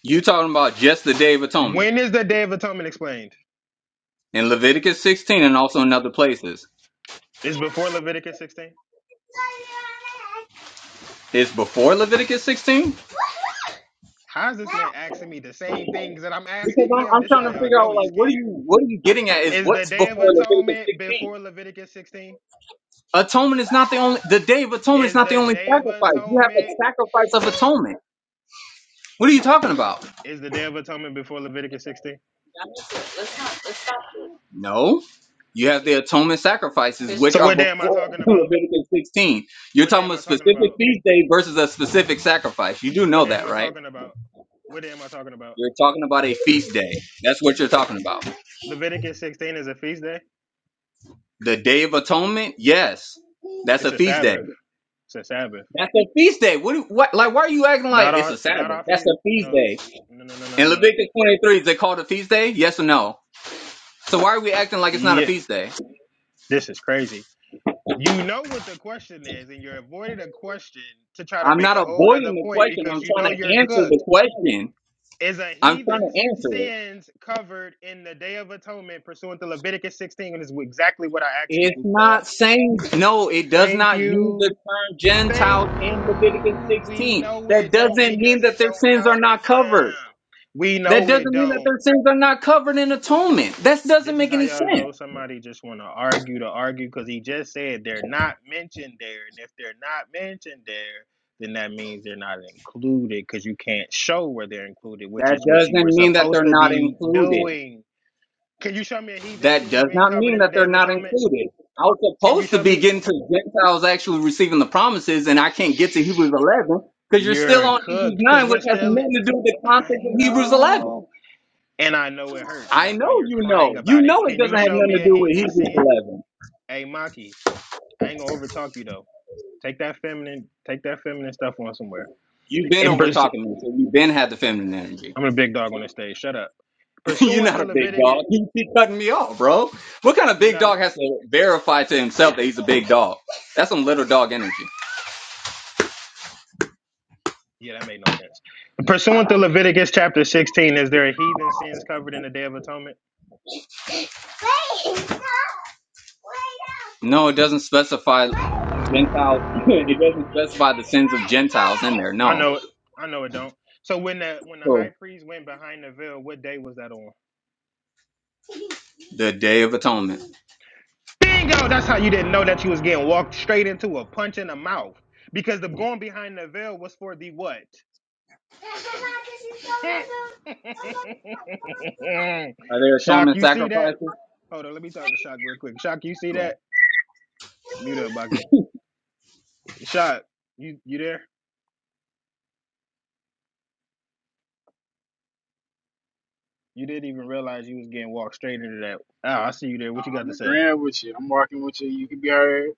Speaker 5: You talking about just the Day of Atonement
Speaker 6: When is the Day of Atonement explained?
Speaker 5: in Leviticus sixteen, and also in other places.
Speaker 6: It's before Leviticus 16.
Speaker 5: It's before Leviticus sixteen.
Speaker 6: How is this man asking me the same
Speaker 5: Because
Speaker 6: things that I'm asking
Speaker 5: I'm,
Speaker 6: him?
Speaker 5: I'm
Speaker 6: This
Speaker 5: trying
Speaker 6: y'all
Speaker 5: to
Speaker 6: y'all
Speaker 5: figure
Speaker 6: know
Speaker 5: out,
Speaker 6: he's
Speaker 5: like, what
Speaker 6: scared.
Speaker 5: are you, what are you getting at? Is
Speaker 6: Is the
Speaker 5: what's
Speaker 6: Day of
Speaker 5: before Leviticus
Speaker 6: Atonement
Speaker 5: sixteen?
Speaker 6: before Leviticus 16?
Speaker 5: Atonement is not the only. The Day of Atonement is
Speaker 6: Is
Speaker 5: not the
Speaker 6: the
Speaker 5: only
Speaker 6: Day of
Speaker 5: sacrifice. You have a
Speaker 6: Atonement
Speaker 5: sacrifice of atonement. What are you talking about?
Speaker 6: is the Day of Atonement before Leviticus 16?
Speaker 5: No. You have the atonement sacrifices, which
Speaker 6: So
Speaker 5: are
Speaker 6: what day am I
Speaker 5: before
Speaker 6: talking about?
Speaker 5: Leviticus 16. You're
Speaker 6: What
Speaker 5: talking
Speaker 6: day am
Speaker 5: about a
Speaker 6: I talking
Speaker 5: specific
Speaker 6: about?
Speaker 5: feast day versus a specific sacrifice. You do
Speaker 6: What
Speaker 5: know
Speaker 6: day am
Speaker 5: that,
Speaker 6: I
Speaker 5: right?
Speaker 6: talking about? What day am I talking about?
Speaker 5: You're talking about a feast day. That's what you're talking about.
Speaker 6: Leviticus 16 is a feast day.
Speaker 5: The Day of Atonement, yes, that's
Speaker 6: It's
Speaker 5: a
Speaker 6: a
Speaker 5: feast day.
Speaker 6: Sabbath. It's a Sabbath.
Speaker 5: That's a feast day. What? do- What? Like, why are you acting like
Speaker 6: Not
Speaker 5: it's
Speaker 6: our
Speaker 5: a
Speaker 6: not
Speaker 5: Sabbath?
Speaker 6: our
Speaker 5: That's
Speaker 6: feast.
Speaker 5: a feast
Speaker 6: No.
Speaker 5: day.
Speaker 6: No no no no
Speaker 5: In
Speaker 6: no no.
Speaker 5: Leviticus 23, is it called a feast day? Yes or no? So why are we acting like it's not a
Speaker 6: Yeah.
Speaker 5: feast day?
Speaker 6: This is crazy. You know what the question is, and you're avoiding a question to try to
Speaker 5: I'm
Speaker 6: make
Speaker 5: not
Speaker 6: a whole nother
Speaker 5: avoiding the
Speaker 6: point
Speaker 5: question. I'm
Speaker 6: because you
Speaker 5: trying
Speaker 6: know
Speaker 5: to
Speaker 6: you're
Speaker 5: answer the
Speaker 6: cooked.
Speaker 5: question.
Speaker 6: Is a
Speaker 5: I'm trying to
Speaker 6: heathen's
Speaker 5: answer it.
Speaker 6: sins covered in the Day of Atonement pursuant to Leviticus 16? And is exactly what I asked you,
Speaker 5: It's
Speaker 6: goofball.
Speaker 5: not saying no, it does
Speaker 6: Thank
Speaker 5: not use the
Speaker 6: you.
Speaker 5: term
Speaker 6: Thank
Speaker 5: Gentiles in Leviticus
Speaker 6: you. We
Speaker 5: 16.
Speaker 6: know
Speaker 5: That
Speaker 6: it don't
Speaker 5: doesn't mean
Speaker 6: because
Speaker 5: that
Speaker 6: it
Speaker 5: their
Speaker 6: don't
Speaker 5: sins are
Speaker 6: cover
Speaker 5: not covered.
Speaker 6: them. We
Speaker 5: That
Speaker 6: know it
Speaker 5: doesn't mean that
Speaker 6: don't.
Speaker 5: their sins are not covered in atonement. That doesn't
Speaker 6: This is
Speaker 5: make
Speaker 6: how
Speaker 5: any
Speaker 6: y'all
Speaker 5: sense.
Speaker 6: know somebody just want to argue to argue because he just said they're not mentioned there. And if they're not mentioned there, then that means they're not included because you can't show where they're included, which
Speaker 5: That
Speaker 6: is what you were
Speaker 5: doesn't mean that
Speaker 6: supposed
Speaker 5: they're
Speaker 6: to
Speaker 5: not
Speaker 6: be
Speaker 5: included.
Speaker 6: doing. Can you show me a heathen
Speaker 5: That
Speaker 6: sins
Speaker 5: does
Speaker 6: being
Speaker 5: not
Speaker 6: covered
Speaker 5: mean
Speaker 6: in the
Speaker 5: that
Speaker 6: Day
Speaker 5: they're
Speaker 6: of
Speaker 5: not
Speaker 6: Atonement?
Speaker 5: included. I was
Speaker 6: Can you
Speaker 5: supposed to
Speaker 6: show
Speaker 5: be
Speaker 6: me?
Speaker 5: getting to Gentiles actually receiving the promises, and I can't get to
Speaker 6: Shh,
Speaker 5: Hebrews 11 because you're still
Speaker 6: you're
Speaker 5: on Hebrews
Speaker 6: cooked because
Speaker 5: 9, which
Speaker 6: we're
Speaker 5: has
Speaker 6: still in.
Speaker 5: nothing to do with the
Speaker 6: I
Speaker 5: context of Hebrews 11.
Speaker 6: know. and I know it hurts.
Speaker 5: I
Speaker 6: That's why
Speaker 5: know
Speaker 6: you're
Speaker 5: you
Speaker 6: crying
Speaker 5: know. You
Speaker 6: about it.
Speaker 5: know it
Speaker 6: Can
Speaker 5: doesn't
Speaker 6: you
Speaker 5: have
Speaker 6: show me
Speaker 5: nothing to
Speaker 6: a
Speaker 5: do with
Speaker 6: heathen
Speaker 5: Hebrews
Speaker 6: sin?
Speaker 5: 11.
Speaker 6: Hey, Maki, I ain't gonna overtalk you though. Take that feminine, take that feminine stuff on somewhere.
Speaker 5: You've been
Speaker 6: And
Speaker 5: over
Speaker 6: pers-
Speaker 5: talking to me, so you've been had the feminine energy.
Speaker 6: I'm a big dog on the stage. Shut up.
Speaker 5: You're
Speaker 6: Pursuant
Speaker 5: not
Speaker 6: to
Speaker 5: a big
Speaker 6: Leviticus,
Speaker 5: dog. You keep cutting me off, bro. What kind of
Speaker 6: you're
Speaker 5: big
Speaker 6: not.
Speaker 5: dog has to verify to himself that he's a big dog? That's some little dog energy.
Speaker 6: Yeah, that made no sense. Pursuant to Leviticus chapter 16, is there a heathen sins covered in the Day of Atonement?
Speaker 5: No, it doesn't specify Gentile. it doesn't specify the sins of Gentiles in there.
Speaker 6: I
Speaker 5: No.
Speaker 6: know it. I know it don't. So when the when the high
Speaker 5: So,
Speaker 6: priest went behind the veil, what day was that on?
Speaker 5: the Day of Atonement.
Speaker 6: Bingo! That's how you didn't know that you was getting walked straight into a punch in the mouth. Because the going behind the veil was for the what?
Speaker 5: Are there
Speaker 6: Shock,
Speaker 5: atonement
Speaker 6: you see that?
Speaker 5: sacrifices?
Speaker 6: Hold on, let me talk to Shock real quick. Shock, you see
Speaker 5: Right.
Speaker 6: that? Mute up, Bucky. Shock, you you there? You didn't even realize you was getting walked straight into that. Ah, oh, I see you there.
Speaker 2: No,
Speaker 6: What you got
Speaker 2: I'm
Speaker 6: to say?
Speaker 2: agreeing with you. I'm walking with you. You can be heard.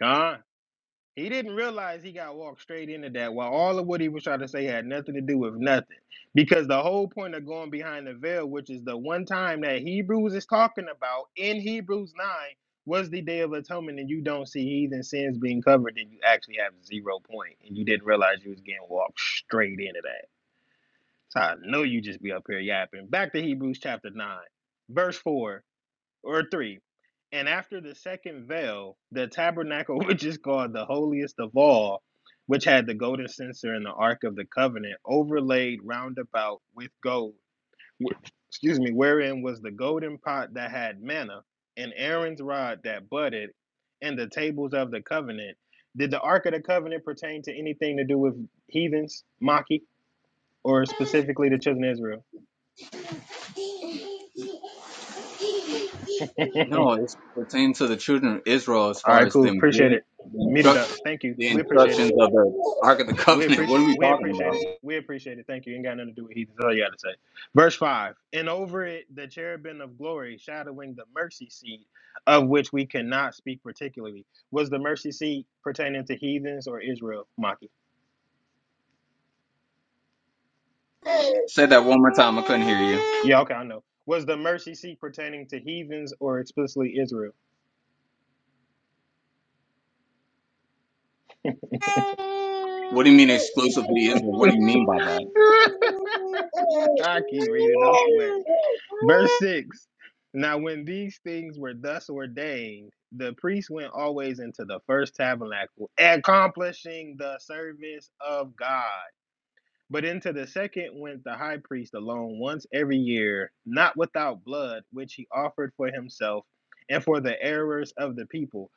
Speaker 6: Con? He didn't realize he got walked straight into that while all of what he was trying to say had nothing to do with nothing. Because the whole point of going behind the veil, which is the one time that Hebrews is talking about in Hebrews 9, was the day of atonement, and you don't see heathen sins being covered, then you actually have zero point, and you didn't realize you was getting walked straight into that. So I know you just be up here yapping. Back to Hebrews chapter 9, verse 4 or three. And after the second veil, the tabernacle, which is called the holiest of all, which had the golden censer and the ark of the covenant, overlaid round about with gold. Excuse me, wherein was the golden pot that had manna, and Aaron's rod that budded, and the tables of the covenant. Did the ark of the covenant pertain to anything to do with heathens, Maki, or specifically the children of Israel?
Speaker 5: No, it's pertains to the children of Israel as
Speaker 6: All
Speaker 5: far
Speaker 6: right,
Speaker 5: as
Speaker 6: cool.
Speaker 5: them
Speaker 6: Appreciate
Speaker 5: getting
Speaker 6: it.
Speaker 5: the,
Speaker 6: Meet it up.
Speaker 5: instruct,
Speaker 6: Thank you.
Speaker 5: the
Speaker 6: We appreciate it.
Speaker 5: instructions of the Ark of the
Speaker 6: We
Speaker 5: Covenant. What are
Speaker 6: appreciate
Speaker 5: we
Speaker 6: we
Speaker 5: talking about?
Speaker 6: appreciate it. We appreciate it. Thank you. Ain't got nothing to do with heathens. That's all you gotta say. Verse five. And over it the cherubim of glory, shadowing the mercy seat, of which we cannot speak particularly. Was the mercy seat pertaining to heathens or Israel, Maki?
Speaker 5: Say that one more time. I couldn't hear you.
Speaker 6: Yeah, okay, I know. Was the mercy seat pertaining to heathens or explicitly Israel?
Speaker 5: What do you mean exclusively Israel? What do you mean by that?
Speaker 6: I keep reading, those sweats. Verse 6 Now, when these things were thus ordained, the priest went always into the first tabernacle, accomplishing the service of God. But into the second went the high priest alone once every year, not without blood, which he offered for himself and for the errors of the people.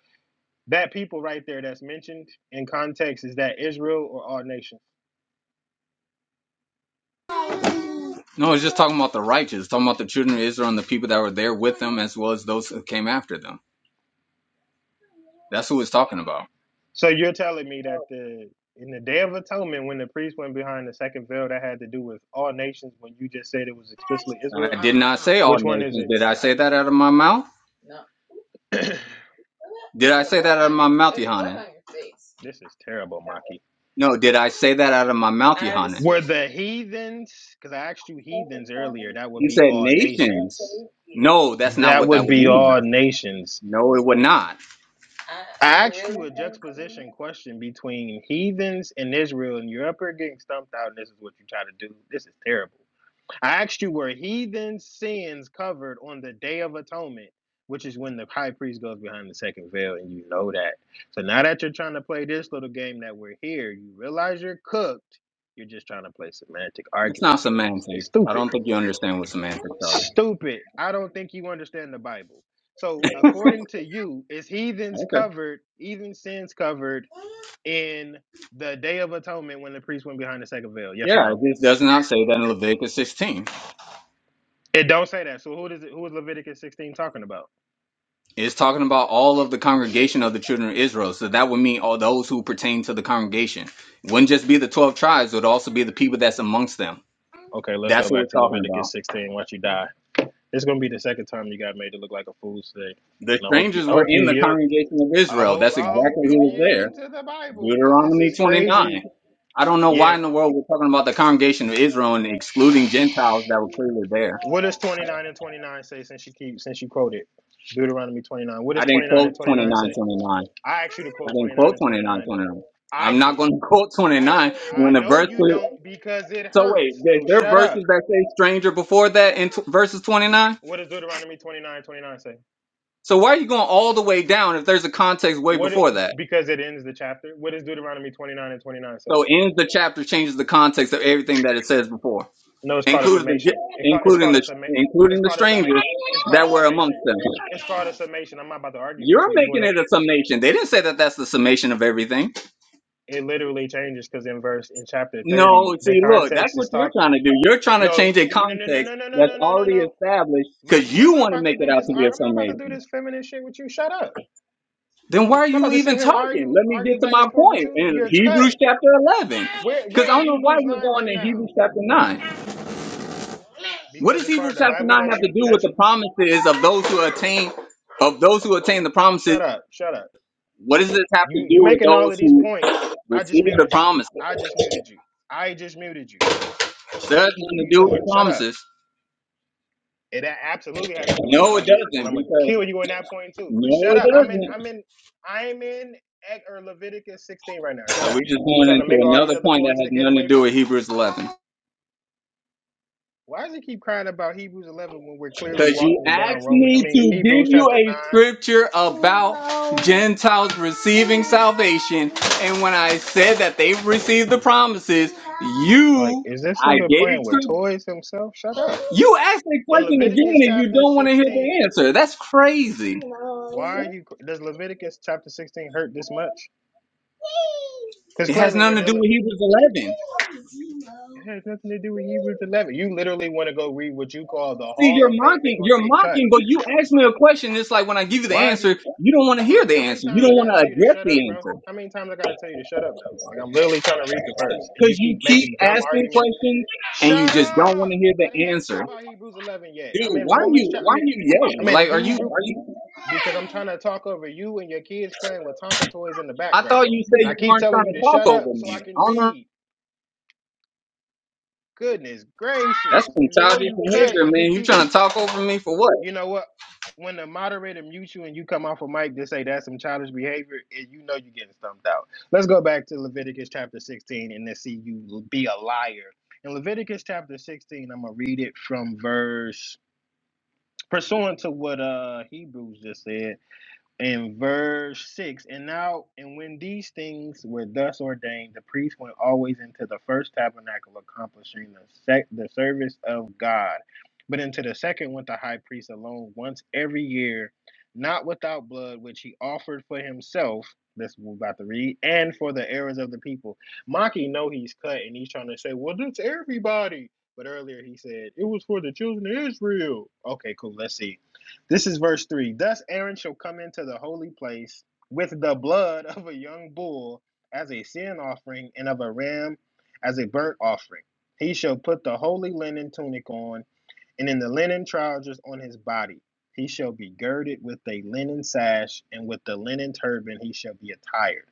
Speaker 6: That people right there that's mentioned in context is that Israel or all nations?
Speaker 5: No, it's just talking about the righteous, talking about the children of Israel and the people that were there with them as well as those who came after them. That's who it's talking about.
Speaker 6: So you're telling me that the in the Day of Atonement, when the priest went behind the second veil, that had to do with all nations. When you just said it was explicitly
Speaker 5: And
Speaker 6: Israel,
Speaker 5: I did not say all
Speaker 6: which one is
Speaker 5: nations.
Speaker 6: it?
Speaker 5: Did I say that out of my mouth? Did I say that out of my mouth, Yohanan?
Speaker 6: this is terrible, Maki.
Speaker 5: No, did I say that out of my mouth, Yohanan?
Speaker 6: Were the heathens? Because I asked you heathens earlier. That would
Speaker 5: You
Speaker 6: be
Speaker 5: said
Speaker 6: all
Speaker 5: nations.
Speaker 6: nations.
Speaker 5: No, that's not
Speaker 6: That
Speaker 5: what that
Speaker 6: would
Speaker 5: would
Speaker 6: be
Speaker 5: mean.
Speaker 6: all nations.
Speaker 5: No, it would not.
Speaker 6: I asked you a juxtaposition question between heathens and Israel, and you're up here getting stumped out, and this is what you try to do. This is terrible. I asked you, were heathen sins covered on the Day of Atonement, which is when the high priest goes behind the second veil, and you know that. So now that you're trying to play this little game that we're here, you realize you're cooked. You're just trying to play semantic
Speaker 5: It's not
Speaker 6: argument games. It's
Speaker 5: semantics. I
Speaker 6: stupid.
Speaker 5: don't think you understand what semantics are.
Speaker 6: Stupid. I don't think you understand the Bible. So according to you, is heathens
Speaker 5: Okay.
Speaker 6: covered, heathen sins covered in the Day of Atonement when the priest went behind the second veil? Yes or
Speaker 5: Yeah,
Speaker 6: no?
Speaker 5: it just does not say that in Leviticus 16.
Speaker 6: It don't say that. So who does it? Who is Leviticus 16 talking about?
Speaker 5: It's talking about all of the congregation of the children of Israel. So that would mean all those who pertain to the congregation. It wouldn't just be the 12 tribes, it would also be the people that's amongst them.
Speaker 6: Okay, let's go
Speaker 5: That's what
Speaker 6: back to
Speaker 5: we're talking about.
Speaker 6: Leviticus 16. Once you die, it's gonna be the second time you got made to look like a fool today,
Speaker 5: The
Speaker 6: and I hope you,
Speaker 5: strangers
Speaker 6: I
Speaker 5: were
Speaker 6: hope
Speaker 5: in
Speaker 6: you
Speaker 5: the
Speaker 6: yield,
Speaker 5: congregation of
Speaker 6: I
Speaker 5: Israel.
Speaker 6: hope,
Speaker 5: That's
Speaker 6: I hope
Speaker 5: exactly
Speaker 6: you
Speaker 5: who was there.
Speaker 6: yield to the Bible because this
Speaker 5: Deuteronomy
Speaker 6: is crazy.
Speaker 5: 29. I don't know
Speaker 6: Yeah.
Speaker 5: why in the world we're talking about the congregation of Israel and excluding Gentiles that were clearly there.
Speaker 6: What does 29 and 29 say? Since you keep, since you quoted Deuteronomy 29, what
Speaker 5: I
Speaker 6: does
Speaker 5: didn't
Speaker 6: 29
Speaker 5: quote
Speaker 6: and 29
Speaker 5: 29:29.
Speaker 6: say? I asked you to
Speaker 5: I
Speaker 6: quote
Speaker 5: didn't
Speaker 6: 29
Speaker 5: quote
Speaker 6: and
Speaker 5: 29:29.
Speaker 6: 29 though. I
Speaker 5: I'm not
Speaker 6: did.
Speaker 5: going to quote
Speaker 6: I
Speaker 5: 29
Speaker 6: actually, I
Speaker 5: when the
Speaker 6: know
Speaker 5: verse.
Speaker 6: you don't because it
Speaker 5: So wait,
Speaker 6: hurts.
Speaker 5: there,
Speaker 6: No,
Speaker 5: there are
Speaker 6: shut
Speaker 5: verses
Speaker 6: up.
Speaker 5: that say stranger before that in t- verses 29.
Speaker 6: What does Deuteronomy 29 29 say?
Speaker 5: So why are you going all the way down if there's a context way
Speaker 6: What it,
Speaker 5: before that?
Speaker 6: because it ends the chapter. What does Deuteronomy twenty nine and twenty nine say?
Speaker 5: So ends the chapter changes the context of everything that it says before.
Speaker 6: No, it's called a
Speaker 5: including the
Speaker 6: summation. It call, it's
Speaker 5: including
Speaker 6: called
Speaker 5: the
Speaker 6: a summation.
Speaker 5: including
Speaker 6: It's
Speaker 5: the
Speaker 6: called a
Speaker 5: strangers
Speaker 6: summation. It's called a
Speaker 5: that were amongst
Speaker 6: summation.
Speaker 5: them.
Speaker 6: It's called a summation. I'm not about to argue with
Speaker 5: You're
Speaker 6: you. You want
Speaker 5: making
Speaker 6: to?
Speaker 5: it a summation. They didn't say that that's the summation of everything.
Speaker 6: It literally changes because in verse in chapter
Speaker 5: No,
Speaker 6: thirty, the
Speaker 5: see, look, that's
Speaker 6: context
Speaker 5: what
Speaker 6: is
Speaker 5: you're
Speaker 6: talk.
Speaker 5: trying to do. You're trying to
Speaker 6: No,
Speaker 5: change a
Speaker 6: no, no, no,
Speaker 5: context
Speaker 6: no, no, no,
Speaker 5: that's
Speaker 6: no, no, no,
Speaker 5: already
Speaker 6: no.
Speaker 5: established because
Speaker 6: Maki, I'm
Speaker 5: you
Speaker 6: not
Speaker 5: want to
Speaker 6: about
Speaker 5: make
Speaker 6: to
Speaker 5: it
Speaker 6: do
Speaker 5: out
Speaker 6: this.
Speaker 5: to be a
Speaker 6: I'm not about to do
Speaker 5: summation.
Speaker 6: this feminist shit with you. Shut up.
Speaker 5: Then why are
Speaker 6: I'm not
Speaker 5: you
Speaker 6: about to sit
Speaker 5: even
Speaker 6: here and
Speaker 5: talking?
Speaker 6: argue,
Speaker 5: Let me
Speaker 6: argue
Speaker 5: get to
Speaker 6: back
Speaker 5: my
Speaker 6: and forth with
Speaker 5: point
Speaker 6: you.
Speaker 5: in
Speaker 6: You're
Speaker 5: Hebrews
Speaker 6: cut.
Speaker 5: chapter 11.
Speaker 6: We're
Speaker 5: Because
Speaker 6: we're
Speaker 5: I
Speaker 6: in
Speaker 5: don't know why
Speaker 6: Hebrews
Speaker 5: we're
Speaker 6: nine
Speaker 5: going
Speaker 6: right
Speaker 5: in
Speaker 6: now
Speaker 5: Hebrews chapter 9. What
Speaker 6: because
Speaker 5: does
Speaker 6: it's part of
Speaker 5: Hebrews
Speaker 6: the
Speaker 5: chapter
Speaker 6: Bible
Speaker 5: 9
Speaker 6: that
Speaker 5: have to
Speaker 6: you
Speaker 5: do with
Speaker 6: that
Speaker 5: the
Speaker 6: you
Speaker 5: promises of those who attain of those who attain the promises
Speaker 6: Shut up. Shut up.
Speaker 5: What does this have to
Speaker 6: You you
Speaker 5: do with
Speaker 6: making all
Speaker 5: those
Speaker 6: of these
Speaker 5: who
Speaker 6: points. I just
Speaker 5: receive the
Speaker 6: muted you.
Speaker 5: promises?
Speaker 6: I just muted you. I just muted you.
Speaker 5: Does it have
Speaker 6: What are
Speaker 5: to
Speaker 6: you
Speaker 5: do with
Speaker 6: doing?
Speaker 5: the
Speaker 6: Shut up.
Speaker 5: promises?
Speaker 6: It a- absolutely has to do with the
Speaker 5: No, it
Speaker 6: promises, and
Speaker 5: doesn't,
Speaker 6: I'm gonna
Speaker 5: because
Speaker 6: kill you on that point too. But
Speaker 5: no,
Speaker 6: shut
Speaker 5: it
Speaker 6: up. I'm in.
Speaker 5: doesn't.
Speaker 6: I'm in. I'm in Ec- or Leviticus 16 right now. Shut
Speaker 5: So
Speaker 6: up.
Speaker 5: we're just
Speaker 6: You keep
Speaker 5: going
Speaker 6: trying to
Speaker 5: into
Speaker 6: make all these
Speaker 5: another
Speaker 6: other
Speaker 5: point that
Speaker 6: points
Speaker 5: has
Speaker 6: to get
Speaker 5: nothing to
Speaker 6: away
Speaker 5: do
Speaker 6: from.
Speaker 5: with Hebrews 11.
Speaker 6: Why does he keep crying about Hebrews 11 when we're clearly
Speaker 5: Because you
Speaker 6: walking down
Speaker 5: asked
Speaker 6: Roman? I
Speaker 5: me to
Speaker 6: mean
Speaker 5: give
Speaker 6: Hebrews
Speaker 5: you
Speaker 6: chapter
Speaker 5: a
Speaker 6: nine.
Speaker 5: scripture about Gentiles receiving salvation, and when I said that they've received the promises,
Speaker 6: Like,
Speaker 5: you,
Speaker 6: is this
Speaker 5: I
Speaker 6: nigga
Speaker 5: gave
Speaker 6: playing with
Speaker 5: scripture.
Speaker 6: toys himself? Shut up.
Speaker 5: You asked a
Speaker 6: In
Speaker 5: question again,
Speaker 6: Leviticus
Speaker 5: and you
Speaker 6: chapter
Speaker 5: don't want to hear
Speaker 6: 16.
Speaker 5: the answer. That's crazy.
Speaker 6: Why are you? Does Leviticus chapter sixteen hurt this much? Because
Speaker 5: It has
Speaker 6: clearly
Speaker 5: nothing
Speaker 6: we're
Speaker 5: to do
Speaker 6: dealing.
Speaker 5: with Hebrews 11.
Speaker 6: It has nothing to do with Hebrews eleven. You literally want to go read what you call the
Speaker 5: See,
Speaker 6: Hall
Speaker 5: you're
Speaker 6: of Faith and
Speaker 5: mocking,
Speaker 6: gonna
Speaker 5: you're
Speaker 6: get cut.
Speaker 5: mocking, but you ask me a question. It's like when I give you the
Speaker 6: Why are
Speaker 5: answer,
Speaker 6: you,
Speaker 5: you don't want to hear the
Speaker 6: Maki? How many
Speaker 5: answer. You
Speaker 6: times
Speaker 5: don't
Speaker 6: I
Speaker 5: want
Speaker 6: gotta
Speaker 5: to
Speaker 6: tell you to
Speaker 5: address
Speaker 6: shut up,
Speaker 5: the
Speaker 6: bro?
Speaker 5: answer
Speaker 6: How many times I gotta tell you to shut up though? Like I'm literally trying to read the verse and
Speaker 5: because
Speaker 6: you
Speaker 5: you
Speaker 6: keep
Speaker 5: keep
Speaker 6: making dumb
Speaker 5: asking
Speaker 6: arguments.
Speaker 5: questions and you
Speaker 6: Shut
Speaker 5: just don't want to
Speaker 6: up!
Speaker 5: hear
Speaker 6: I didn't
Speaker 5: the
Speaker 6: ask
Speaker 5: answer.
Speaker 6: you
Speaker 5: Dude,
Speaker 6: about Hebrews eleven yet. I'm in
Speaker 5: why are you,
Speaker 6: Romans chapter.
Speaker 5: why
Speaker 6: I mean,
Speaker 5: are you
Speaker 6: I'm
Speaker 5: yelling?
Speaker 6: in
Speaker 5: Like, are you,
Speaker 6: Hebrew
Speaker 5: are you,
Speaker 6: because I'm trying to talk over you and your kids playing with Tonka toys in the
Speaker 5: I thought
Speaker 6: background.
Speaker 5: you said
Speaker 6: And I
Speaker 5: you
Speaker 6: keep
Speaker 5: weren't
Speaker 6: telling
Speaker 5: trying
Speaker 6: you
Speaker 5: to
Speaker 6: to
Speaker 5: talk
Speaker 6: shut up
Speaker 5: over
Speaker 6: so I
Speaker 5: me. I
Speaker 6: can
Speaker 5: don't know.
Speaker 6: read. Goodness
Speaker 5: That's
Speaker 6: gracious.
Speaker 5: some
Speaker 6: You know
Speaker 5: childish
Speaker 6: you cut
Speaker 5: behavior,
Speaker 6: and you
Speaker 5: man. You
Speaker 6: keep
Speaker 5: trying to talk over me for what?
Speaker 6: you know what? When the moderator mutes you and you come off a mic to say that's some childish behavior, and you know you're getting stumped out. Let's go back to Leviticus chapter 16 and let's see you be a liar. In Leviticus chapter 16, I'm gonna read it from verse pursuant to what uh Hebrews just said in verse 6 and now and when these things were thus ordained the priest went always into the first tabernacle accomplishing the sec- the service of god but into the second went the high priest alone once every year not without blood which he offered for himself this we're about to read and for the errors of the people maki know he's cut and he's trying to say well that's everybody but earlier he said it was for the children of israel okay cool let's see this is verse 3. Thus Aaron shall come into the holy place with the blood of a young bull as a sin offering and of a ram as a burnt offering. He shall put the holy linen tunic on and in the linen trousers on his body. He shall be girded with a linen sash and with the linen turban he shall be attired.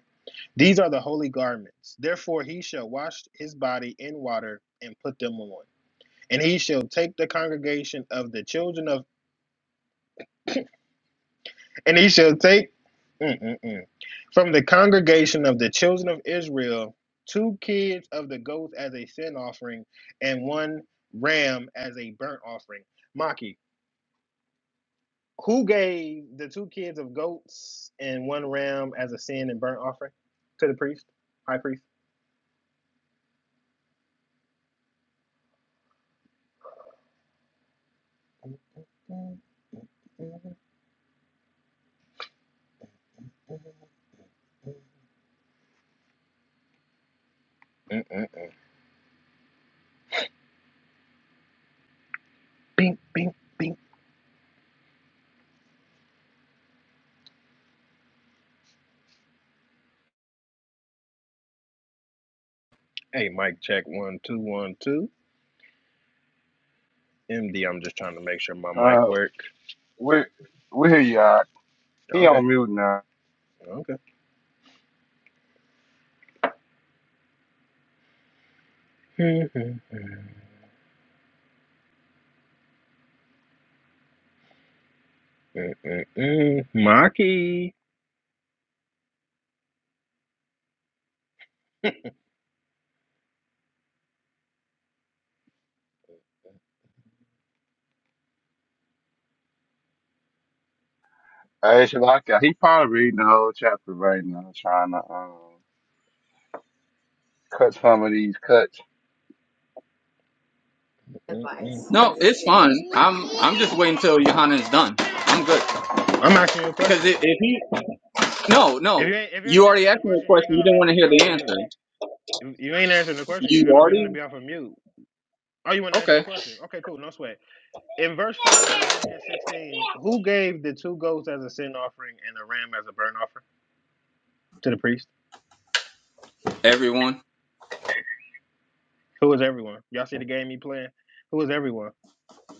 Speaker 6: These are the holy garments. Therefore he shall wash his body in water and put them on. And he shall take the congregation of the children of And he shall take Mm-mm-mm. from the congregation of the children of Israel two kids of the goats as a sin offering and one ram as a burnt offering. Maki, who gave the two kids of goats and one ram as a sin and burnt offering to the priest, high priest? Mm-mm. Bing, bing, bing. Hey, mic check one, two, one, two. MD, I'm just trying to make sure my mic
Speaker 8: Uh,
Speaker 6: work.
Speaker 8: we we hear you. All right. He
Speaker 6: Okay,
Speaker 8: on mute now.
Speaker 6: okay. Mm-mm-mm. Maki.
Speaker 8: I actually like that. He probably reading the whole chapter right now, trying to um cut some of these cuts.
Speaker 6: Mm-mm.
Speaker 5: No, it's fine. I'm, I'm just waiting until Johanna's done. I'm good.
Speaker 6: I'm asking you a
Speaker 5: Because
Speaker 6: question.
Speaker 5: if, if he, no,
Speaker 6: If
Speaker 5: no,
Speaker 6: you ain't if you
Speaker 5: you
Speaker 6: ain't
Speaker 5: already
Speaker 6: answering the
Speaker 5: asked me a
Speaker 6: question, you
Speaker 5: question.
Speaker 6: ain't got
Speaker 5: You
Speaker 6: no
Speaker 5: didn't want
Speaker 6: reason
Speaker 5: to
Speaker 6: to be
Speaker 5: hear
Speaker 6: off of
Speaker 5: the
Speaker 6: mute.
Speaker 5: answer.
Speaker 6: If you ain't answering the question, you
Speaker 5: You
Speaker 6: ain't got no reason to
Speaker 5: already,
Speaker 6: be off of mute. Oh, you want to answer the
Speaker 5: okay.
Speaker 6: question? Okay, cool, no sweat. In verse five of Leviticus 16, who gave the two goats as a sin offering and a ram as a burnt offering to the priest?
Speaker 5: Everyone,
Speaker 6: Who was everyone? Y'all see the game he playing? Who was everyone?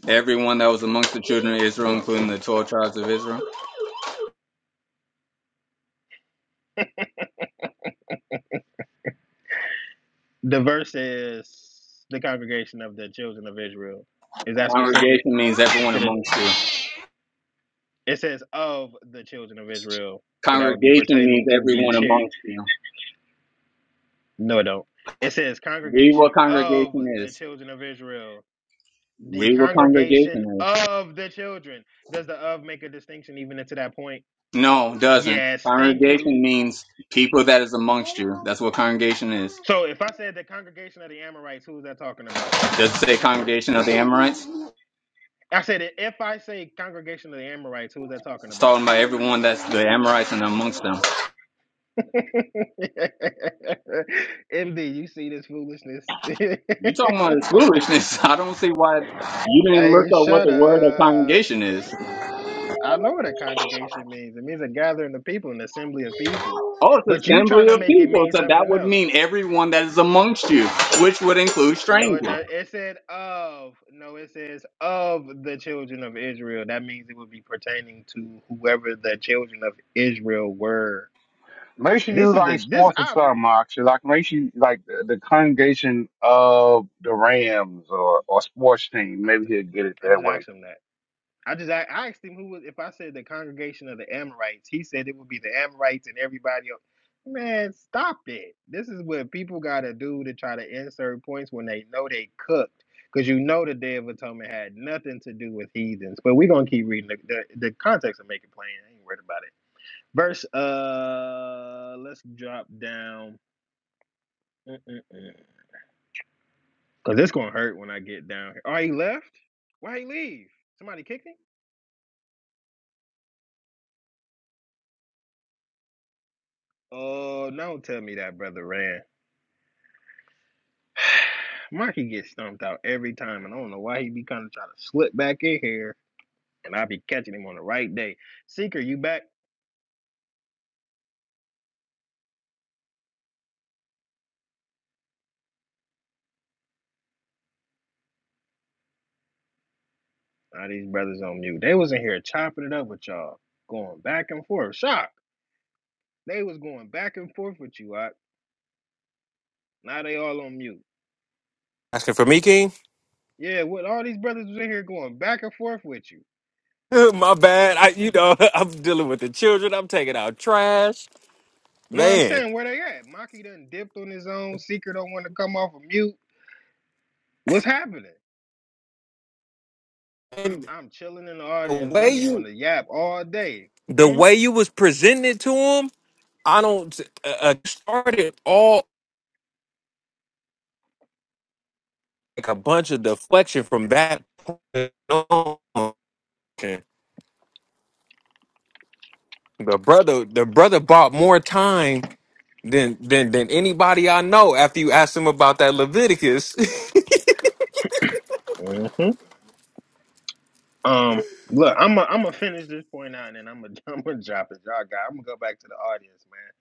Speaker 5: everyone that was amongst the children of Israel, including the 12 tribes of Israel.
Speaker 6: The verse is the congregation of the children of Israel. Is that specific?
Speaker 5: Congregation means everyone
Speaker 6: to the?
Speaker 5: amongst you.
Speaker 6: It says of the children of Israel, so that would be
Speaker 5: Congregation means
Speaker 6: pertaining to the
Speaker 5: everyone
Speaker 6: children.
Speaker 5: amongst you.
Speaker 6: No, it don't. It says
Speaker 5: Read what
Speaker 6: congregation of
Speaker 5: congregation
Speaker 6: the
Speaker 5: is.
Speaker 6: children of Israel. The
Speaker 5: Read what
Speaker 6: congregation
Speaker 5: congregation is.
Speaker 6: of the children. Does the of make a distinction even into that point?
Speaker 5: No, it doesn't.
Speaker 6: Yes, thank you.
Speaker 5: Congregation means people that is amongst you. That's what congregation is.
Speaker 6: So if I said the congregation of the Amorites, who is that talking about?
Speaker 5: Does it say congregation of the Amorites?
Speaker 6: I said it- if I say congregation of the Amorites, who is that talking
Speaker 5: It's
Speaker 6: about?
Speaker 5: talking about everyone that's the Amorites and amongst them.
Speaker 6: MD, you see this foolishness.
Speaker 5: You talking about is foolishness. I don't see why you didn't look
Speaker 6: hey,
Speaker 5: up what
Speaker 6: shut
Speaker 5: the word of
Speaker 6: up.
Speaker 5: congregation is.
Speaker 6: I know what a congregation means. It means a gathering of people, an assembly of people.
Speaker 5: Oh, it's
Speaker 6: But you
Speaker 5: assembly
Speaker 6: trying to
Speaker 5: of
Speaker 6: make it
Speaker 5: people.
Speaker 6: mean
Speaker 5: So that
Speaker 6: something
Speaker 5: would
Speaker 6: else.
Speaker 5: mean everyone that is amongst you, which would include
Speaker 6: No, it
Speaker 5: strangers.
Speaker 6: does. It said of. No, it says of the children of Israel. That means it would be pertaining to whoever the children of Israel were.
Speaker 8: Make sure
Speaker 6: This
Speaker 8: you
Speaker 6: is
Speaker 8: like
Speaker 6: the this
Speaker 8: sports or
Speaker 6: I've
Speaker 8: something, actually. Like make sure you like the, the congregation of the Rams or or sports team.
Speaker 6: I,
Speaker 8: Maybe he'll get it
Speaker 6: I
Speaker 8: that
Speaker 6: just
Speaker 8: way.
Speaker 6: asked him that. I just I, I asked him who was if I said the congregation of the Amorites, he said it would be the Amorites and everybody else. Man, stop it. This is what people gotta do to try to insert points when they know they cooked. Because you know the Day of Atonement had nothing to do with heathens. But we're gonna keep reading the the, the context and make it plain. I ain't worried about it. Verse uh let's drop down. Because it's gonna hurt when I get down here. Oh, he left? Why he leave? Somebody kicked him? Oh, don't tell me that brother ran. Marky gets stumped out every time, and I don't know why he be kind of trying to slip back in here, and I be catching him on the right day. Seeker, you back? Now these brothers on mute. They was in here chopping it up with y'all, going back and forth. Shock. They was going back and forth with you. I, now they all on mute.
Speaker 3: Asking for me, King?
Speaker 6: Yeah, what all these brothers was in here going back and forth with you.
Speaker 3: My bad. I, you know, I'm dealing with the children. I'm taking out trash.
Speaker 6: You know what I'm
Speaker 3: Man,
Speaker 6: saying? Where they at? Maki done dipped on his own. Seeker don't want to come off of mute. What's happening?
Speaker 3: And
Speaker 6: I'm chilling in the
Speaker 3: the
Speaker 6: audience.
Speaker 3: way
Speaker 6: Brothers want
Speaker 3: you
Speaker 6: to yap all day.
Speaker 3: the
Speaker 6: Hmm?
Speaker 3: way you was presented to him, I don't. Uh, uh, started all like a bunch of deflection from that point on. The brother, the brother bought more time than than than anybody I know. After you asked him about that Leviticus,
Speaker 6: hmm Um, look, I'm i I'm gonna finish this point out, and then I'm gonna I'm gonna drop it. Y'all got. I'm gonna go back to the audience, man.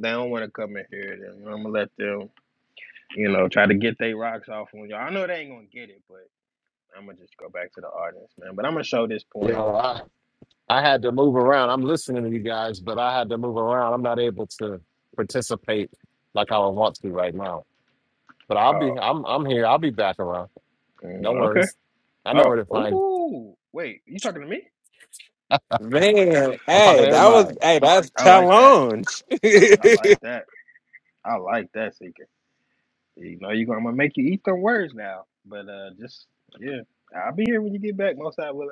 Speaker 6: They don't want to come in here. Then I'm gonna let them, you know, try to get their rocks off on y'all. I know they ain't gonna get it, but I'm gonna just go back to the audience, man. But I'm gonna show this point.
Speaker 7: know, I had to move around. I'm listening to you guys, but I had to move around. I'm not able to participate like I would want to right now. But I'll
Speaker 6: Oh,
Speaker 7: be I'm I'm here. I'll be back around.
Speaker 6: mm,
Speaker 7: No
Speaker 6: okay.
Speaker 7: worries. I know where
Speaker 6: Oh,
Speaker 7: to find you.
Speaker 6: ooh, wait, you talking to me?
Speaker 3: Man,
Speaker 7: I'm talking
Speaker 3: hey,
Speaker 7: to
Speaker 3: that
Speaker 7: everybody.
Speaker 6: Ooh,
Speaker 3: was hey, that's
Speaker 6: I like that.
Speaker 3: challenge.
Speaker 6: I like that. I like that, Seeker. You know, you gonna, I'm gonna make you eat some words now, but uh, just yeah, I'll be here when you get back, most I will.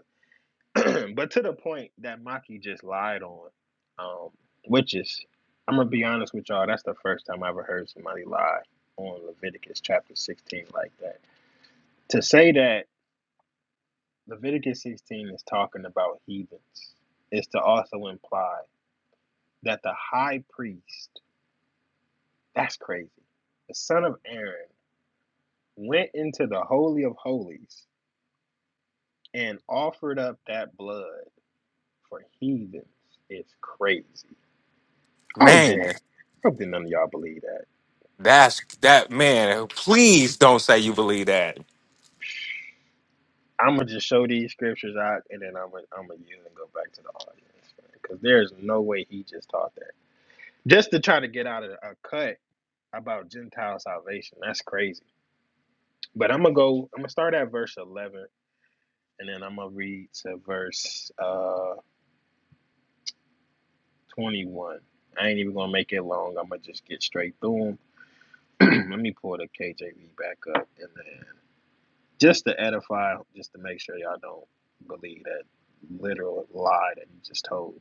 Speaker 6: but to the point that Maki just lied on, um, which is, I'm gonna be honest with y'all. That's the first time I ever heard somebody lie on Leviticus chapter 16 like that. To say that Leviticus 16 is talking about heathens is to also imply that the high priest, that's crazy, the son of Aaron, went into the holy of holies and offered up that blood for heathens. It's crazy. I hope didn't.
Speaker 3: man,
Speaker 6: I hope that none of y'all believe that.
Speaker 3: that's that man. Please don't say you believe that.
Speaker 6: I'm gonna just show these scriptures out, and then I'm gonna I'm gonna yield and go back to the audience because there's no way he just taught that. Just to try to get out of a cut about Gentile salvation. That's crazy. But I'm gonna go. I'm gonna start at verse 11, and then I'm gonna read to verse uh 21. I ain't even gonna make it long. I'm gonna just get straight through them. Let me pull the KJV back up, and then Just to edify, just to make sure y'all don't believe that literal lie that he just told.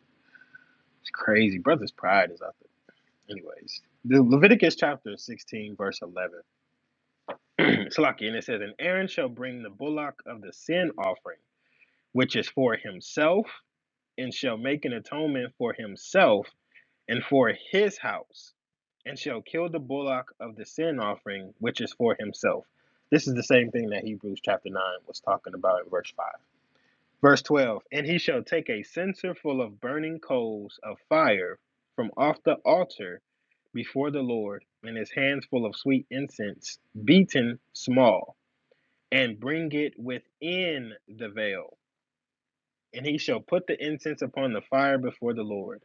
Speaker 6: It's crazy. Brother's pride is out there. Anyways, the Leviticus chapter 16, verse 11. it's lucky, and it says, And Aaron shall bring the bullock of the sin offering, which is for himself, and shall make an atonement for himself and for his house, and shall kill the bullock of the sin offering, which is for himself. This is the same thing that Hebrews chapter 9 was talking about in verse 5. Verse 12 And he shall take a censer full of burning coals of fire from off the altar before the Lord, and his hands full of sweet incense, beaten small, and bring it within the veil. And he shall put the incense upon the fire before the Lord,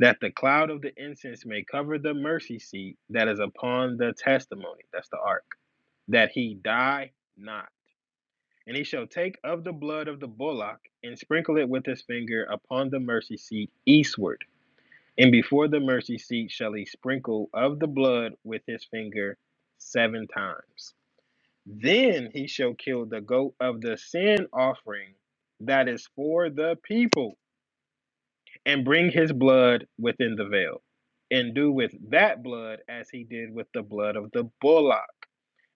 Speaker 6: that the cloud of the incense may cover the mercy seat that is upon the testimony. That's the ark. That he die not. And he shall take of the blood of the bullock and sprinkle it with his finger upon the mercy seat eastward. And before the mercy seat shall he sprinkle of the blood with his finger seven times. Then he shall kill the goat of the sin offering that is for the people and bring his blood within the veil and do with that blood as he did with the blood of the bullock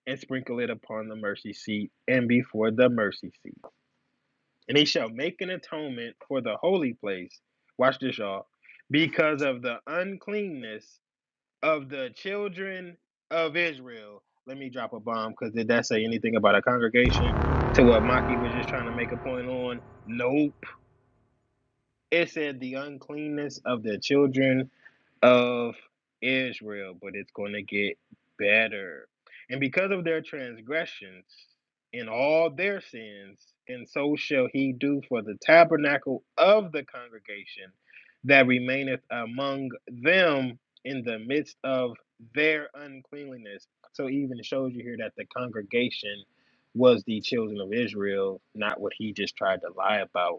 Speaker 6: and sprinkle it upon the mercy seat and before the mercy seat. and he shall make an atonement for the holy place. Watch this, y'all. Because of the uncleanness of the children of Israel. Let me drop a bomb because did that say anything about a congregation? To what Maki was just trying to make a point on? Nope. It said the uncleanness of the children of Israel, but it's going to get better. And because of their transgressions and all their sins, and so shall he do for the tabernacle of the congregation that remaineth among them in the midst of their uncleanliness. So even it shows you here that the congregation was the children of Israel, not what he just tried to lie about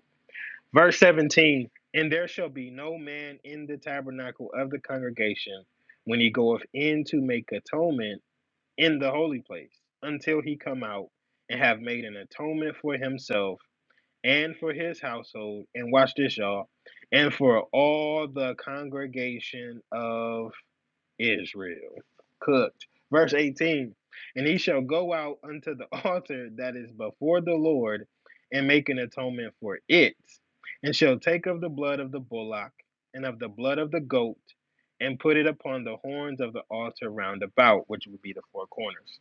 Speaker 6: Verse 17 And there shall be no man in the tabernacle of the congregation when he goeth in to make atonement in the holy place, until he come out and have made an atonement for himself and for his household. And watch this, y'all, and for all the congregation of Israel cooked. Verse 18 And he shall go out unto the altar that is before the Lord and make an atonement for it, and shall take of the blood of the bullock and of the blood of the goat and put it upon the horns of the altar round about, which would be the four corners.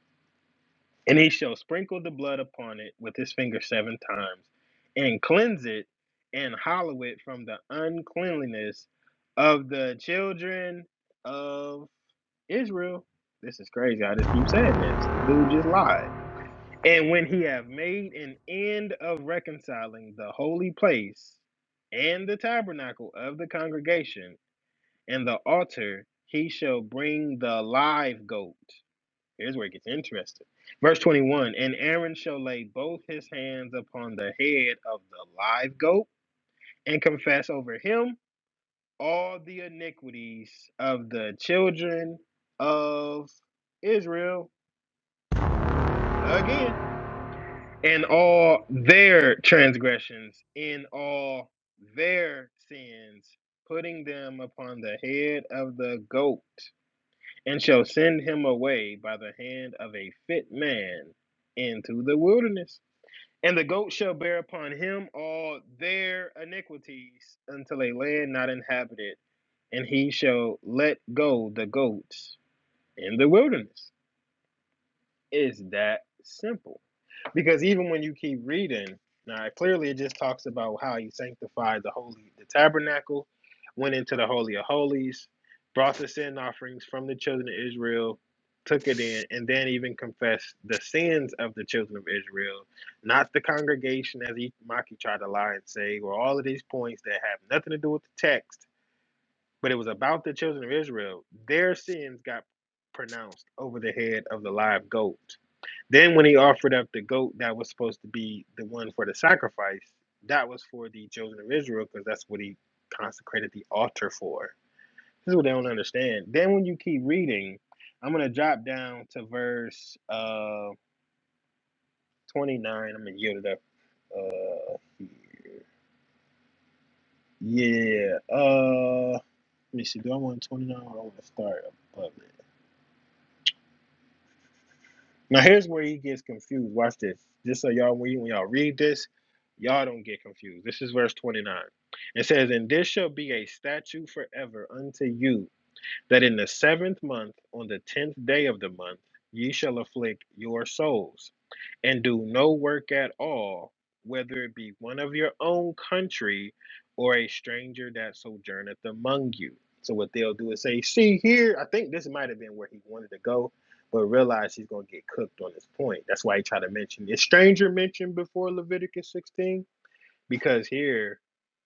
Speaker 6: And he shall sprinkle the blood upon it with his finger seven times and cleanse it and hallow it from the uncleanliness of the children of. Israel, this is crazy. I just keep saying this. The Dude just lied. And when he have made an end of reconciling the holy place and the tabernacle of the congregation and the altar, he shall bring the live goat. Here's where it gets interesting. Verse 21 And Aaron shall lay both his hands upon the head of the live goat and confess over him all the iniquities of the children of Israel again in all their transgressions in all their sins putting them upon the head of the goat and shall send him away by the hand of a fit man into the wilderness and the goat shall bear upon him all their iniquities until a land not inhabited and he shall let go the goats in the wilderness Is that simple. Because even when you keep reading, now clearly it just talks about how he sanctified the holy, the tabernacle, went into the holy of holies, brought the sin offerings from the children of Israel, took it in, and then even confessed the sins of the children of Israel, not the congregation, as Maki tried to lie and say, or all of these points that have nothing to do with the text, but it was about the children of Israel. Their sins got pronounced over the head of the live goat then when he offered up the goat that was supposed to be the one for the sacrifice, that was for the children of Israel because that's what he consecrated the altar for. This is what they don't understand. Then when you keep reading, I'm gonna drop down to verse uh 29. I'm gonna yield it up. Uh, yeah. Uh, let me see. Do I want 29 or do I want to start above it? Now here's where he gets confused. Watch this. Just so y'all when, you, when y'all read this, y'all don't get confused. This is verse 29. It says, And this shall be a statute forever unto you, that in the seventh month, on the tenth day of the month, ye shall afflict your souls and do no work at all, whether it be one of your own country or a stranger that sojourneth among you. So what they'll do is say, see here, I think this might have been where he wanted to go, but realize he's gonna get cooked on this point. That's why he tried to mention is stranger mentioned before Leviticus 16? Because here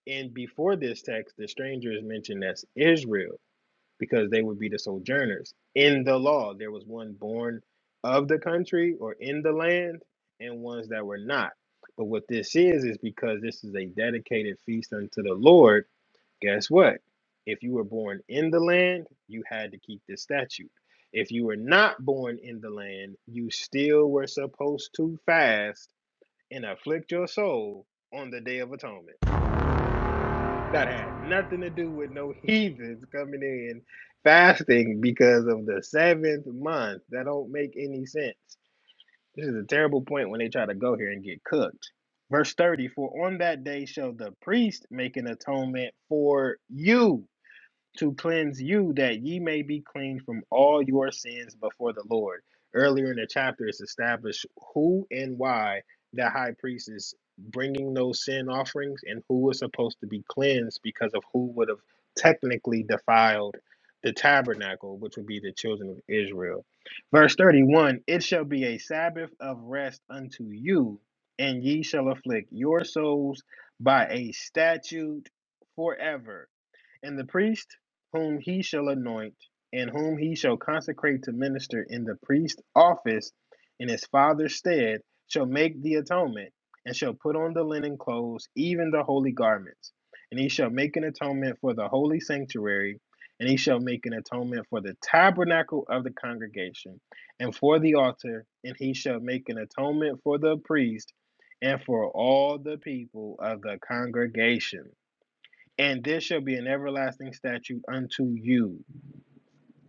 Speaker 6: and before this text, the stranger is mentioned as Israel because they would be the sojourners. In the law, there was one born of the country or in the land, and ones that were not. But what this is, is because this is a dedicated feast unto the Lord, guess what? If you were born in the land, you had to keep this statute. If you were not born in the land, you still were supposed to fast and afflict your soul on the Day of Atonement. That had nothing to do with no heathens coming in fasting because of the seventh month. That don't make any sense. This is a terrible point when they try to go here and get cooked. Verse 30 For on that day shall the priest make an atonement for you to cleanse you that ye may be clean from all your sins before the Lord. Earlier in the chapter, it's established who and why the high priest is bringing those sin offerings and who is supposed to be cleansed because of who would have technically defiled the tabernacle, which would be the children of Israel. Verse 31 It shall be a Sabbath of rest unto you, and ye shall afflict your souls by a statute forever and the priest whom he shall anoint, and whom he shall consecrate to minister in the priest's office in his father's stead, shall make the atonement, and shall put on the linen clothes, even the holy garments. And he shall make an atonement for the holy sanctuary, and he shall make an atonement for the tabernacle of the congregation, and for the altar, and he shall make an atonement for the priest, and for all the people of the congregation and this shall be an everlasting statute unto you.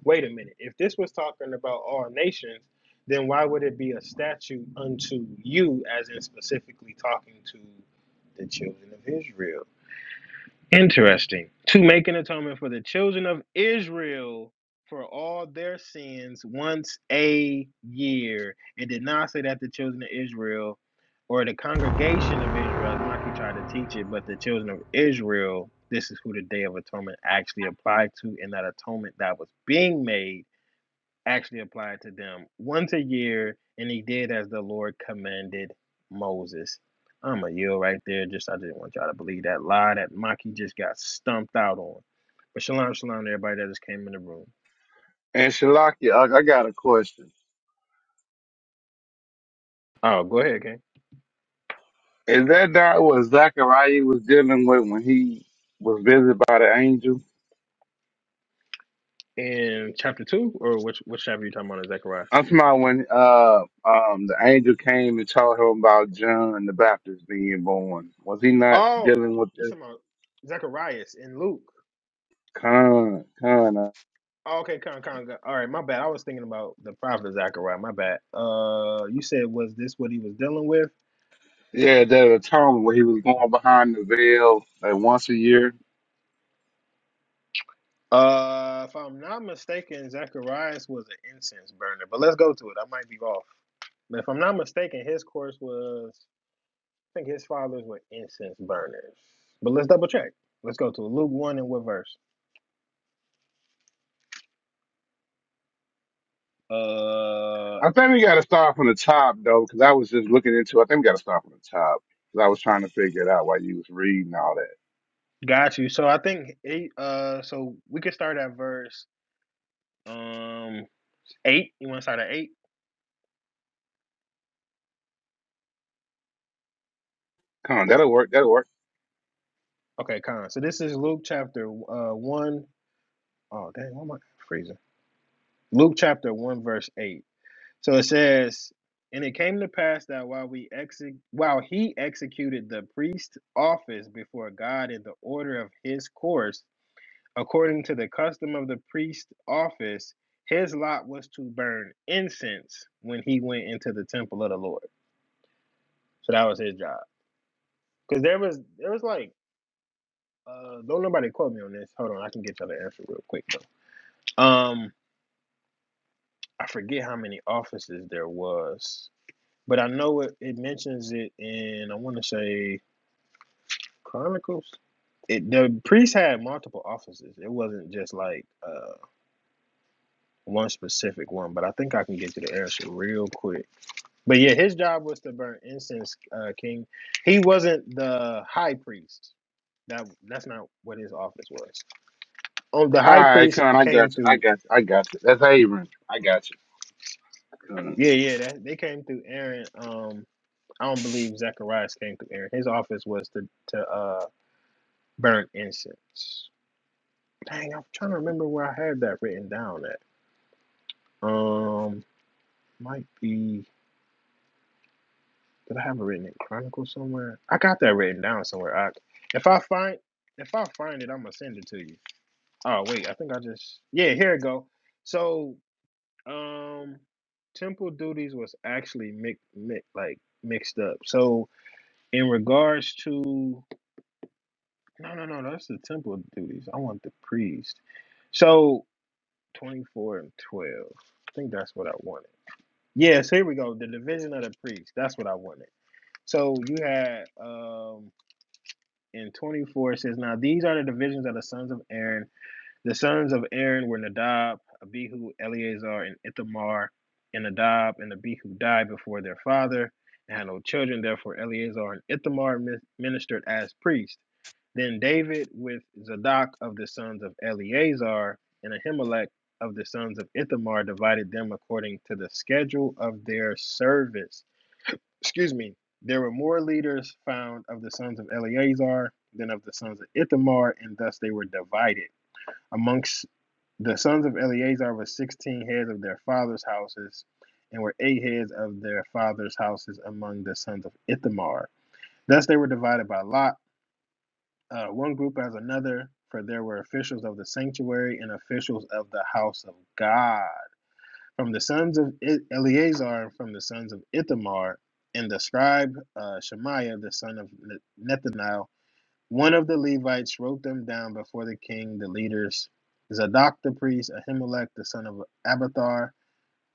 Speaker 6: Wait a minute. If this was talking about all nations, then why would it be a statute unto you, as in specifically talking to the children of Israel? Interesting. To make an atonement for the children of Israel for all their sins once a year. It did not say that the children of Israel or the congregation of Israel, as Mikey tried to teach it, but the children of Israel, this is who the Day of Atonement actually applied to, and that atonement that was being made actually applied to them once a year, and he did as the Lord commanded Moses. I'm a yield right there. Just I didn't want y'all to believe that lie that Maki just got stumped out on. But shalom, shalom to everybody that just came in the room.
Speaker 8: And Shalakia, I, I got a question.
Speaker 6: Oh, go ahead, gang.
Speaker 8: Is that not what Zachariah was dealing with when he was visited by the angel?
Speaker 6: In chapter two, or which which chapter you talking about in Zechariah?
Speaker 8: I'm talking about when uh um the angel came and told him about John the Baptist being born. Was he not
Speaker 6: Oh,
Speaker 8: dealing with
Speaker 6: you
Speaker 8: this
Speaker 6: talking about Zacharias in Luke.
Speaker 8: con con? uh,
Speaker 6: Oh, okay, con con. con. All right, my bad. I was thinking about the prophet Zechariah. My bad. Uh, you said was this what he was dealing with?
Speaker 8: yeah, that atonement where he was going behind the veil like once a year.
Speaker 6: Uh, if I'm not mistaken, Zacharias was an incense burner, but let's go to it. I might be off. But if I'm not mistaken, his course was, I think his fathers were incense burners. But let's double check. Let's go to it. Luke 1 and what verse? Uh,
Speaker 8: I think we got to start from the top though, because I was just looking into. I think we got to start from the top because I was trying to figure it out while you was reading all that.
Speaker 6: got you. So I think, eight, uh, so we could start at verse um 8. You want to start at 8?
Speaker 8: Con, that'll work. That'll work.
Speaker 6: Okay, Con. So this is Luke chapter uh 1. Oh, dang, why am I freezing? Luke chapter 1, verse 8. So it says, and it came to pass that while we exec- while he executed the priest office before God in the order of his course, according to the custom of the priest office, his lot was to burn incense when he went into the temple of the Lord. So that was his job. Because there was there was like uh don't nobody quote me on this. Hold on, I can get y'all the answer real quick though. Um I forget how many offices there was, but I know it, it mentions it in I want to say Chronicles. It, the priest had multiple offices. It wasn't just like uh, one specific one, but I think I can get to the answer real quick. But yeah, his job was to burn incense, uh, King. He wasn't the high priest. That that's not what his office was. Um, the
Speaker 8: All
Speaker 6: high
Speaker 8: right,
Speaker 6: priest
Speaker 8: con, I
Speaker 6: came
Speaker 8: got you. I
Speaker 6: through.
Speaker 8: got you. I got you. That's Aaron. I got you. Con,
Speaker 6: Yeah, yeah, that, they came through Aaron. Um, I don't believe Zacharias came through Aaron. His office was to to uh, burn incense. Dang, I'm trying to remember where I had that written down at. Um. might be did I have it written in Chronicle somewhere? I got that written down somewhere. I, if I find if I find it, I'm gonna send it to you. Oh wait, I think I just yeah, here it go. So um temple duties was actually mix, mix, like mixed up. So in regards to no no no that's the temple duties. I want the priest. So twenty four and twelve. I think that's what I wanted. Yeah, so here we go. The division of the priest. That's what I wanted. So you had um, in 24 it says, Now these are the divisions of the sons of Aaron. The sons of Aaron were Nadab, Abihu, Eleazar, and Ithamar. And Nadab and Abihu died before their father and had no children. Therefore, Eleazar and Ithamar ministered as priests. Then David, with Zadok of the sons of Eleazar and Ahimelech of the sons of Ithamar, divided them according to the schedule of their service excuse me, there were more leaders found of the sons of Eleazar than of the sons of Ithamar, and thus they were divided. Amongst the sons of Eleazar were 16 heads of their father's houses, and were eight heads of their father's houses among the sons of Ithamar. Thus they were divided by lot, uh, one group as another, for there were officials of the sanctuary and officials of the house of God. From the sons of I- Eleazar, from the sons of Ithamar, and the scribe uh, Shemaiah, the son of Ne- one of the Levites, wrote them down before the king, the leaders, Zadok the priest, Ahimelech the son of Abathar,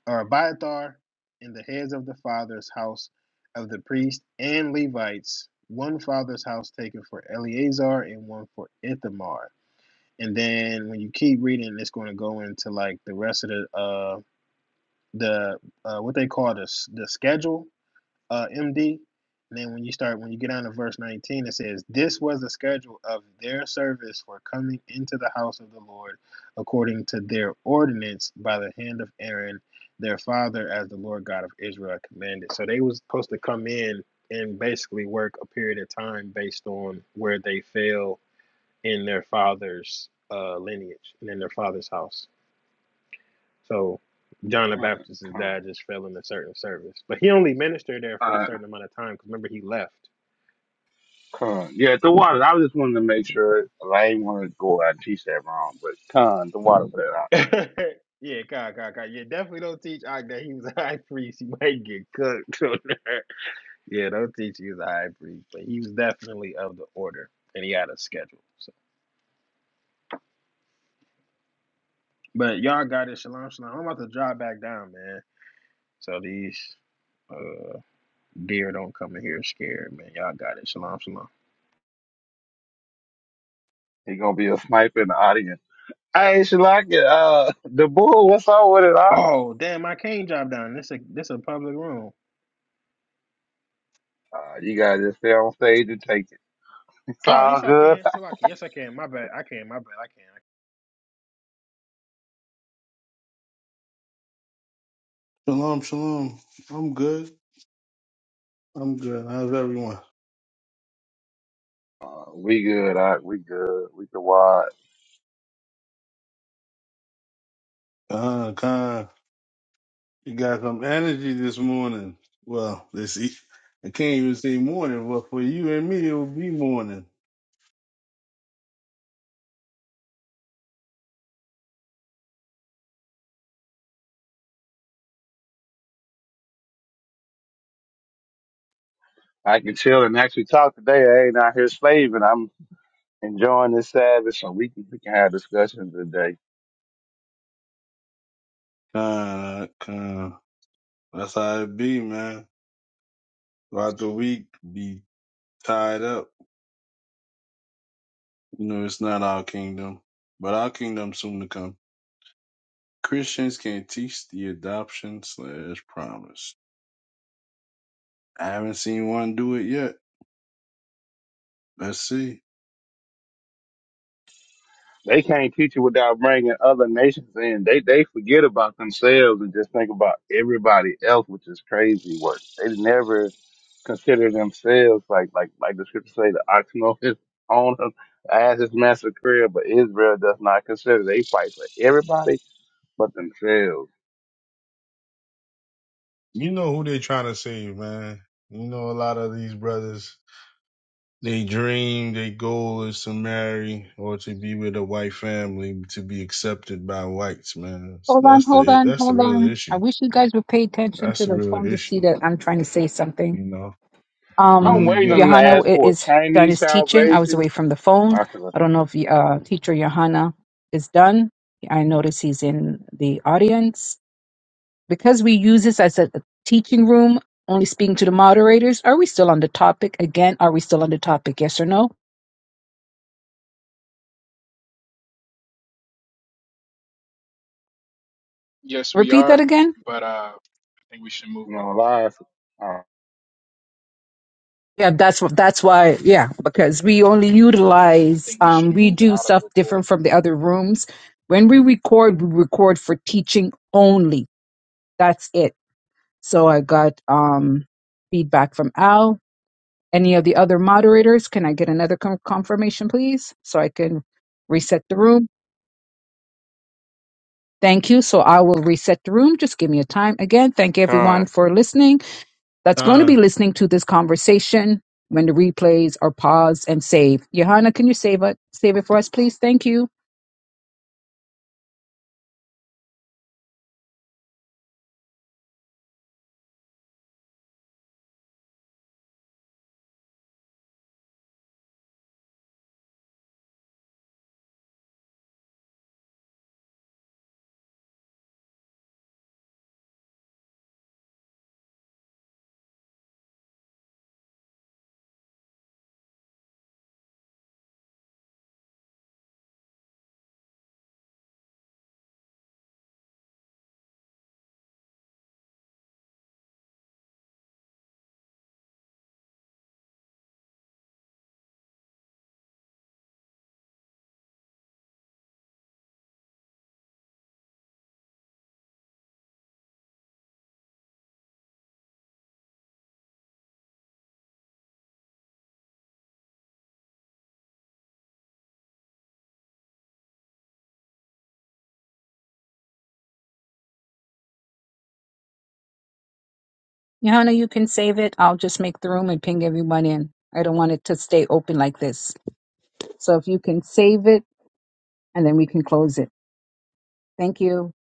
Speaker 6: or Abiathar, and the heads of the father's house of the priest and Levites, one father's house taken for Eleazar and one for Ithamar. And then when you keep reading, it's going to go into like the rest of the uh, the uh, what they call the the schedule uh, MD. And then when you start when you get down to verse 19, it says, "This was the schedule of their service for coming into the house of the Lord, according to their ordinance by the hand of Aaron, their father, as the Lord God of Israel commanded." So they was supposed to come in and basically work a period of time based on where they fell in their father's uh, lineage and in their father's house. So John the Baptist's
Speaker 8: con,
Speaker 6: dad just fell in a certain service, but he only ministered there for a
Speaker 8: con.
Speaker 6: certain amount of time. Cause remember he left.
Speaker 8: Con. Yeah, the water. I just wanted to make sure. 'cause I ain't want to go out and teach that wrong, but con the water for that.
Speaker 6: yeah, God, God, God. Yeah, definitely don't teach Ike that he was a high priest. He might get cooked. on that. yeah, don't teach he was a high priest, but he was definitely of the order, and he had a schedule. So, but y'all got it, shalom, shalom. I'm about to drop back down, man. So these uh deer don't come in here scared, man. Y'all got it, shalom, shalom.
Speaker 8: He gonna be a sniper in the audience. Hey, Shalaka, uh, the bull. What's up with it? Ock?
Speaker 6: Oh, damn, I can't drop down. This is a this a public room.
Speaker 8: Uh, you to just stay on stage and take it. It's
Speaker 6: Oh,
Speaker 8: all
Speaker 6: yes, I
Speaker 8: good.
Speaker 6: can. So I can. Yes, I can. My bad. I can. My bad. I can.
Speaker 9: Shalom, shalom. I'm good. I'm good. How's everyone?
Speaker 8: Uh, we good. I, we good. We can watch.
Speaker 9: Uh, kind. You got some energy this morning. Well, this e- I can't even say morning, but for you and me, it will be morning.
Speaker 8: I can chill and actually talk today. I ain't out here slaving. I'm enjoying this Sabbath, so we can we can have discussions today.
Speaker 9: Kind, kind. That's how it be, man. Throughout the week, be tied up. You know, it's not our kingdom, but our kingdom soon to come. Christians can't teach the adoption slash promise. I haven't seen one do it yet. Let's see.
Speaker 8: They can't teach you without bringing other nations in. They they forget about themselves and just think about everybody else, which is crazy work. They never consider themselves like like like the scripture say the ox know his own as his master career, but Israel does not consider they fight for everybody but themselves.
Speaker 9: You know who they trying to save, man. You know a lot of these brothers, they dream, their goal is to marry or to be with a white family, to be accepted by whites, man.
Speaker 10: Hold on,
Speaker 9: That's
Speaker 10: hold
Speaker 9: the
Speaker 10: on,
Speaker 9: that's the
Speaker 10: hold
Speaker 9: real
Speaker 10: on. I
Speaker 9: issue.
Speaker 10: wish you guys would pay attention
Speaker 9: That's
Speaker 10: to
Speaker 9: the
Speaker 10: the
Speaker 9: real
Speaker 10: phone to see
Speaker 9: issue.
Speaker 10: that I'm trying to say something.
Speaker 9: You know, you
Speaker 8: I'm
Speaker 10: Um,
Speaker 9: only
Speaker 8: waiting on
Speaker 9: get
Speaker 8: them to
Speaker 10: Johanna
Speaker 9: respect.
Speaker 8: ask
Speaker 10: i-
Speaker 8: for a
Speaker 10: is done
Speaker 8: Chinese
Speaker 10: his teaching. I was
Speaker 8: salvation.
Speaker 10: away from the phone.
Speaker 8: I could, you
Speaker 10: I don't know if uh, teacher Johanna is done. I notice he's in the audience. Because we use this as a teaching room, only speaking to the moderators, are we still on the topic? Again, are we still on the topic? Yes or no?
Speaker 2: Yes, we
Speaker 10: Repeat that
Speaker 2: are.
Speaker 10: again.
Speaker 2: But uh I think we should move
Speaker 8: know,
Speaker 2: over.
Speaker 8: lie.
Speaker 10: Yeah, that's what that's why, yeah, because we only
Speaker 2: I
Speaker 10: utilize
Speaker 2: think we should
Speaker 10: um we
Speaker 2: move
Speaker 10: do
Speaker 2: out of
Speaker 10: stuff
Speaker 2: recording.
Speaker 10: different from the other rooms. When we record, we record for teaching only. That's it. So I got um feedback from Al. Any of the other moderators, can I get another con- confirmation please so I can reset the room? Thank you. So I will reset the room. Just give me a time. Again, thank everyone for listening. that's going to be
Speaker 9: Time.
Speaker 10: listening to this conversation when the replays are paused and saved. Johanna, can you save it? Save it for us, please. Thank you. Johanna, you can save it. I'll just make the room and ping everyone in. I don't want it to stay open like this. So if you can save it and then we can close it. Thank you.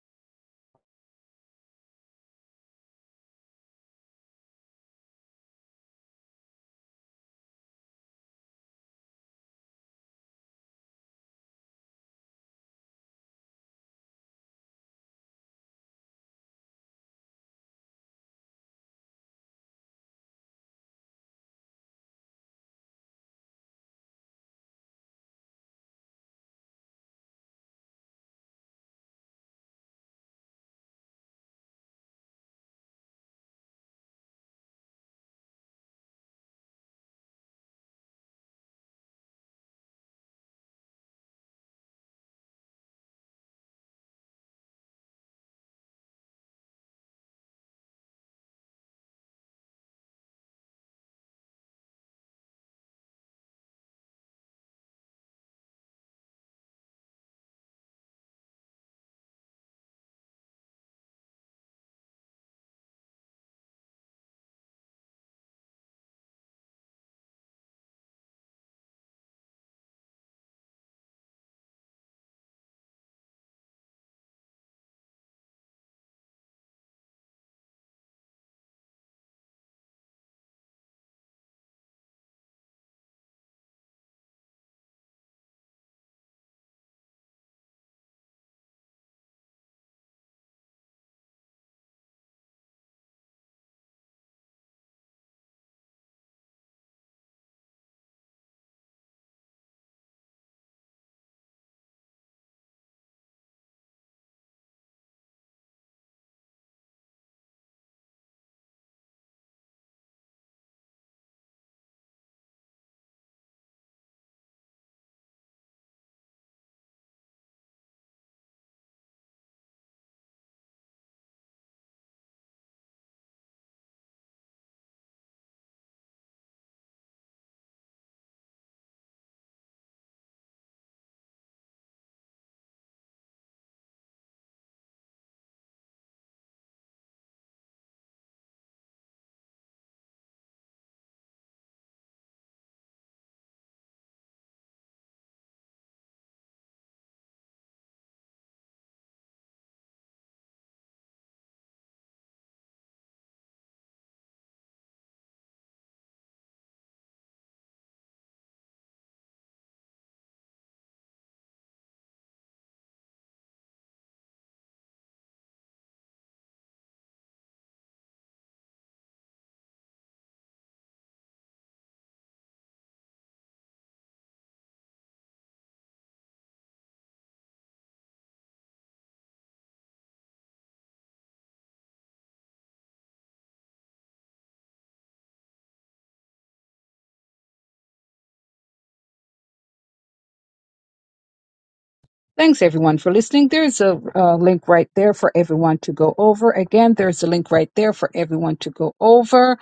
Speaker 10: Thanks everyone for listening. There's a uh, link right there for everyone to go over. Again, there's a link right there for everyone to go over.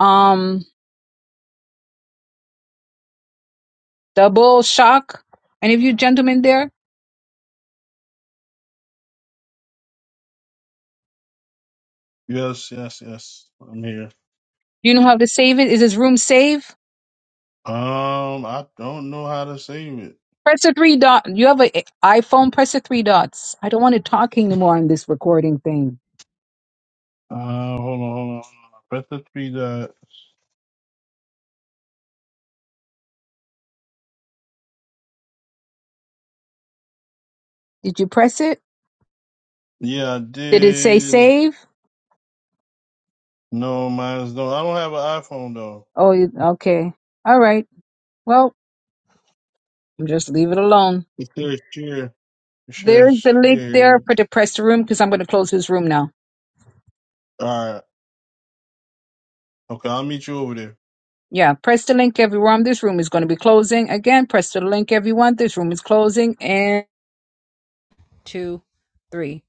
Speaker 10: Um, double shock. Any of you gentlemen there?
Speaker 9: Yes, yes, yes. I'm here.
Speaker 10: You know how to save it? Is this room saved?
Speaker 9: Um, I don't know how to save it.
Speaker 10: Press the three dot. You have an iPhone. Press the three dots. I don't want to talk anymore on this recording thing.
Speaker 9: Uh, hold on, hold on. Press the three dot.
Speaker 10: Did you press it?
Speaker 9: Yeah, I
Speaker 10: Did it say
Speaker 9: did.
Speaker 10: save?
Speaker 9: No, mine's don't. I don't have an iPhone though.
Speaker 10: Oh, you- okay. All right. Well, just leave it alone.
Speaker 9: Sure, sure, for sure, for
Speaker 10: There's the link
Speaker 9: sure.
Speaker 10: there for the press the room because I'm going to close this room now.
Speaker 9: All right. Okay, I'll meet you over there.
Speaker 10: Yeah, press the link, everyone. This room is going to be closing again. Press the link, everyone. This room is closing and two, three.